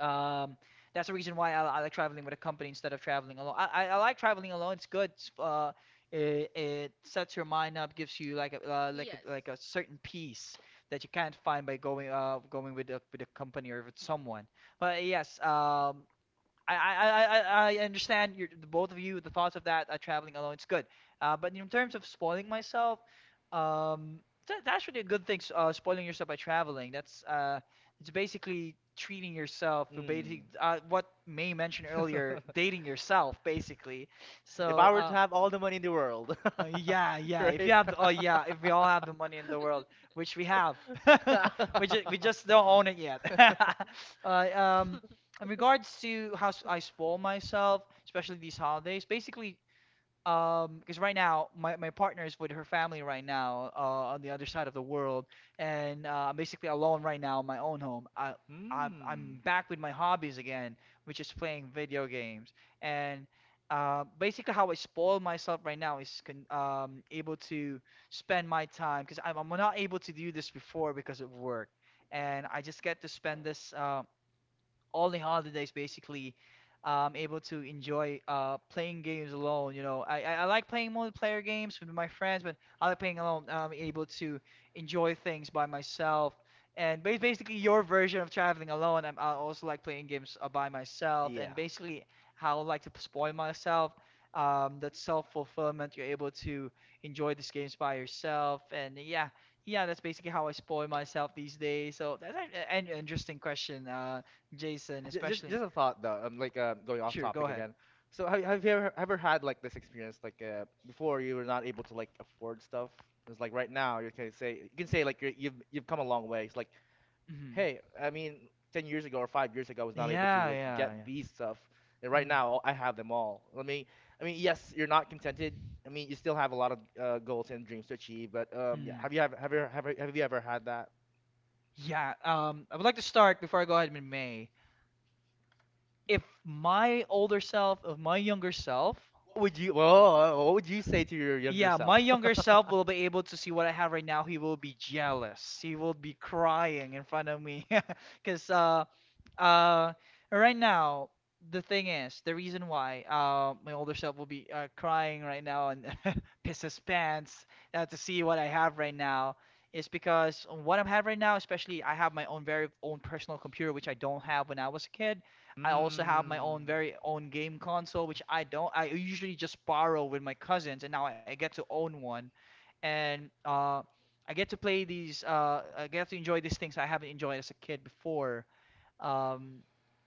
um that's the reason why I like traveling with a company instead of traveling alone. I like traveling alone. It's good. It's, it, it sets your mind up, gives you like
Yes.
like a certain peace that you can't find by going going with a company or with someone. But yes, I understand your both of you the thoughts of that traveling alone. It's good, but in terms of spoiling myself, um, that's actually a good thing. Spoiling yourself by traveling. That's it's basically treating yourself for basically
Mm.
what May mentioned earlier, dating yourself basically.
If
So
I were to have all the money in the world,
yeah, yeah. If you
right?
have, oh yeah, if we all have the money in the world, which we have, we just don't own it yet. uh, um, in regards to how I spoil myself, especially these holidays, basically, because right now my partner is with her family right now on the other side of the world, and I'm basically alone right now in my own home. I, I
Mm.
I'm back with my hobbies again, which is playing video games, and basically how I spoil myself right now is able to spend my time because I'm not able to do this before because of work, and I just get to spend this. All the holidays basically able to enjoy playing games alone you know I like playing multiplayer games with my friends but I like playing alone I'm able to enjoy things by myself and basically your version of traveling alone I also like playing games by myself and
Yeah.
basically how I like to spoil myself that self-fulfillment you're able to enjoy these games by yourself and yeah yeah that's basically how I spoil myself these days so that's an interesting question Jason, especially.
Just a thought though. I'm like going off
Sure, go
topic
ahead.
again. So have you ever ever had like this experience like before you were not able to like afford stuff? It's like right now you can say like you've come a long way. It's like
Hmm.
hey, I mean, 10 years ago or 5 years ago I was not able to
Yeah,
like
yeah,
get
yeah.
these stuff, and right
Mm.
now I have them all. Let me. I mean yes, you're not contented. I mean you still have a lot of goals and dreams to achieve, but yeah,
Mm.
have you ever had that?
Yeah, I would like to start before I go ahead with May. If my older self, if my younger self.
Would you, what would you say to your younger
Yeah,
self?
my younger self will be able to see what I have right now. He will be jealous. He will be crying in front of me. Because uh, right now, the thing is, the reason why my older self will be crying right now and piss his pants to see what I have right now is because what I'm having right now, especially I have my own very own personal computer, which I don't have when I was a kid. I also have my own
Mm.
very own game console, which I don't. I usually just borrow with my cousins, and now I get to own one, and I get to play these. I get to enjoy these things I haven't enjoyed as a kid before. Um,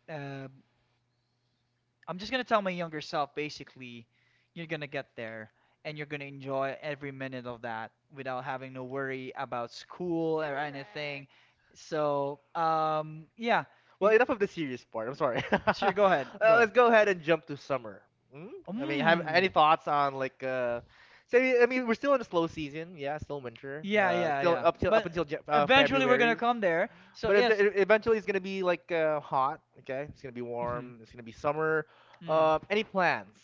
uh, I'm just gonna tell my younger self, basically, you're gonna get there, and you're gonna enjoy every minute of that without having to worry about school or anything.
Correct.
So, yeah.
Well,
Y-
enough of the serious part. I'm sorry.
sure, go ahead, go ahead.
Let's go ahead and jump to summer. Mm? I mean, have
Mm.
any thoughts on like say I mean, we're still in a slow season. Yeah, still winter.
Yeah, yeah,
Still
yeah.
up
But
until
eventually we're gonna
February.
come there. So
But
yes.
eventually it's going to be like hot, okay? It's going to be
Mhm,
warm. It's going to be summer.
mm.
Any plans?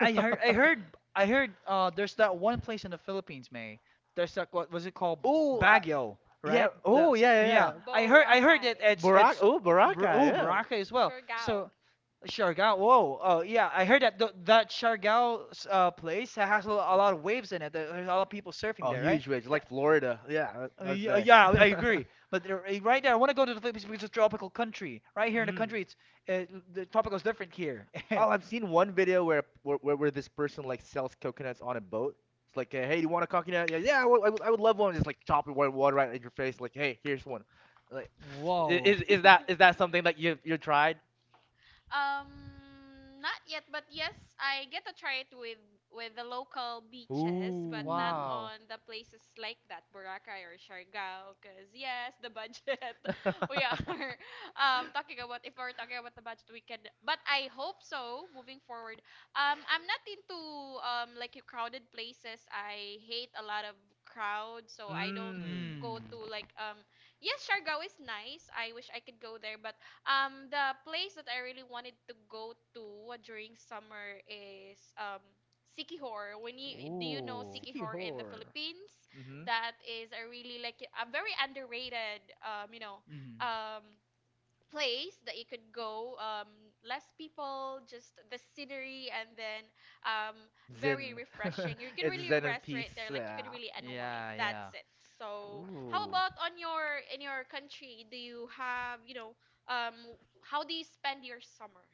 I heard, I heard, I heard, there's that one place in the Philippines, May. There's that, what was it called?
Oh,
Baguio,
yeah.
right? The
Oh, yeah, yeah,
yeah.
yeah.
I heard
Boracay.
that it's
Baraka.
it's
Oh, Baraka.
Oh,
Yeah.
Boracay as well. So
Surigao.
Siargao. Whoa. Oh yeah. I heard that that Siargao place that has a lot of waves in it. That There's a lot of people surfing
Oh,
there, right?
huge waves,
That,
like Florida. Yeah,
Uh,
I- I'd say.
yeah, I agree. But there, eh, right there, I want to go to the Philippines because it's a tropical country. Right here in the
Mm.
country, it's uh, the tropical is different here.
Oh, I've seen one video where, where this person like sells coconuts on a boat. It's like, hey, do you want a coconut? Yeah, yeah, I would, I would love one. Just like chop it white water right in your face. Like, hey, here's one. Like,
Whoa.
is is that something that you tried?
Not yet, but yes, I get to try it with the local beaches, but
Ooh.
not on the places like that, Boracay or Siargao, because yes, the budget. We are talking about if we're talking about the budget, we can. But I hope so moving forward. I'm not into like your crowded places. I hate a lot of crowd, so I don't
Mmm.
go
Mm.
to like Yes, Siargao is nice. I wish I could go there, but the place that I really wanted to go to during summer is Sikihor. When you, do you know
Ooh.
Siki
Sikihor in the
horror.
Philippines?
Mm-hmm.
That is a really like a very underrated you know
Mhm.
um place that you could go. Less people, just the scenery, and then um very
Zen.
refreshing, you could
It's
really
Zen and
rest right there,
peace.
like you
Yeah.
could really unwind.
Yeah, yeah.
That's it. So how
Ooh.
about on your, in your country, do you have, you know, um how do you spend your summer?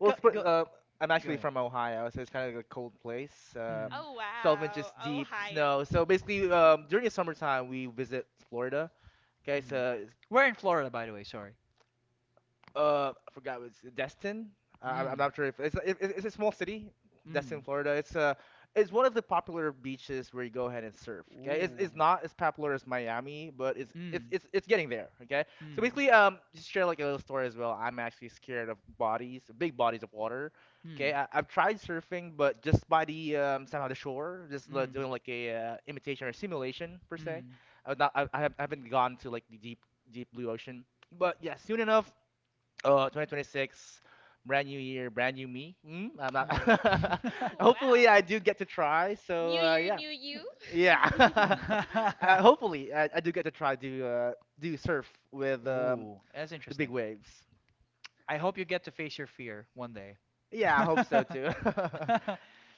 Well,
Go,
sp
go,
I'm
go
actually
ahead.
from Ohio, so it's kind of like a cold place.
Mhm.
Oh
12
wow,
inches deep snow.
Ohio.
So basically, during the summertime, we visit Florida. Okay,
Mhm.
so
We're in Florida, by the way, sorry.
I forgot it's Destin. I'm
Mm.
not sure if it's a small city, Destin,
Mm.
Florida. It's one of the popular beaches where you go ahead and surf. Okay, it's
Ooh.
not as popular as Miami, but
Mm.
it's getting there. Okay, so
Hmm.
basically, just share like a little story as well. I'm actually scared of bodies, big bodies of water.
Hmm.
Okay, I've tried surfing, but just by the somehow the shore, just like,
Mm.
doing like a imitation or simulation per se.
Mm.
I was not, I I haven't gone to like the deep deep blue ocean. But yeah, soon enough. Oh, 2026, brand new year, brand new me. Mm, I'm
Mm.
not. Hopefully,
Wow.
I do get to try.
New
So
year,
yeah,
new you.
yeah. Hopefully, I do get to try to do surf with
Ooh, that's
the big
interesting.
waves.
I hope you get to face your fear one day.
Yeah, I hope so too.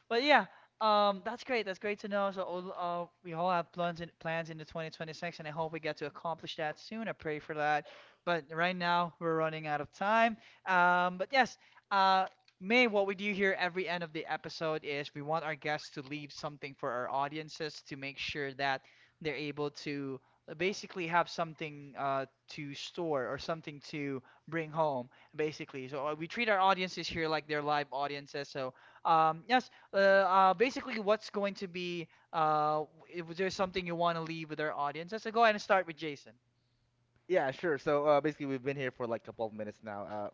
But yeah, that's great. That's great to know. So we all have plans into 2026, and I hope we get to accomplish that soon. I pray for that. But right now we're running out of time. But yes, uh, May, what we do here every end of the episode is we want our guests to leave something for our audiences to make sure that they're able to basically have something to store or something to bring home basically. So we treat our audiences here like they're live audiences. So yes, basically, what's going to be w- was there something you want to leave with our audiences? So go ahead and start with Jason.
Yeah, sure. So basically, we've been here for like a couple of minutes now.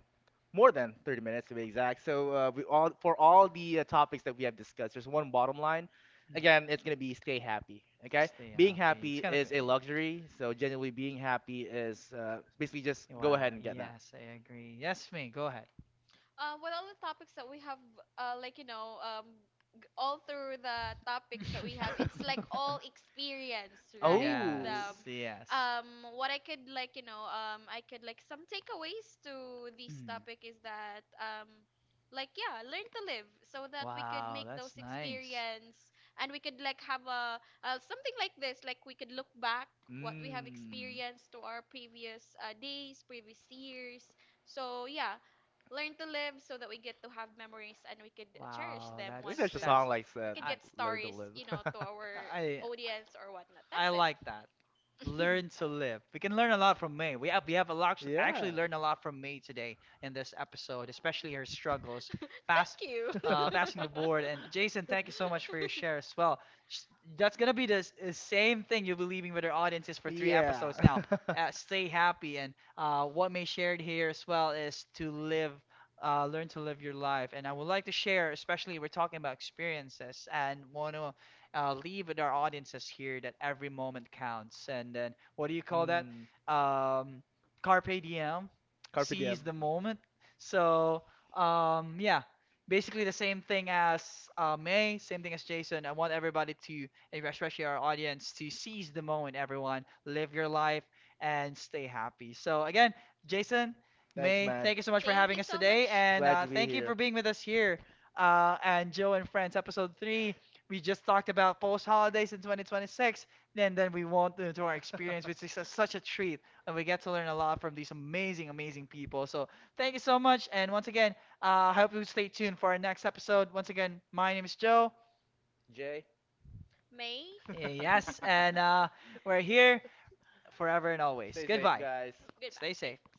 More than 30 minutes to be exact. So we all for all the topics that we have discussed, there's one bottom line.
Mm.
Again, it's gonna be stay happy. Okay,
Stay
being
happy.
happy
It's kind of
is a luxury. So genuinely being happy is basically just go
wow.
ahead and get that.
Yes, I agree. Yes, me. Go ahead.
Well, all the topics that we have, like you know, all through the topics that we have, it's like all experience, right?
Oh,
The,
Yes,
um,
yes.
um, what I could like, you know, I could like, some takeaways to this
Mm.
topic is that, like, yeah, learn to live so that we could
Wow,
make
that's
those
nice.
experience, and we could like have a something like this, like we could look back what we have
mm.
experienced to our previous days, previous years. So yeah, learn to live so that we get to have memories, and we could cherish
Wow,
them
I think
once
there's a
we
that's
will,
song like
we
that,
could
I
get
"Learn to
stories,
Live."
you know, to our
I
audience or whatnot. That's
I
it.
like that. Learn to live. We can learn a lot from May. We have a lot, actually
Yeah.
learned a lot from May today in this episode, especially her struggles, pass,
Thank you.
passing the board. And Jason, thank you so much for your share as well. Sh- That's gonna be the same thing you'll be leaving with our audiences for three
Yeah.
episodes now. Stay happy, and what May shared here as well is to live learn to live your life. And I would like to share, especially we're talking about experiences, and want to leave with our audiences here that every moment counts. And then, what do you call that?
Mm,
Um, carpe diem,
carpe
seize
diem.
the moment. So, yeah, basically the same thing as May, same thing as Jason. I want everybody to, especially our audience, to seize the moment, everyone, live your life, and stay happy. So, again, Jason,
Thanks,
May,
man.
thank you so much for
Thank you
having us
so
today,
much.
and
Glad to be
thank you for being with us
here.
here. And Joe and Friends, episode three. We just talked about post holidays in 2026, and then we went into our experience, which is such a treat, and we get to learn a lot from these amazing, amazing people. So thank you so much, and once again, I hope you stay tuned for our next episode. Once again, my name is Joe.
Jay,
May.
Yes, and we're here forever and always.
stay safe,
Goodbye.
guys.
Goodbye.
Stay safe.
Thanks.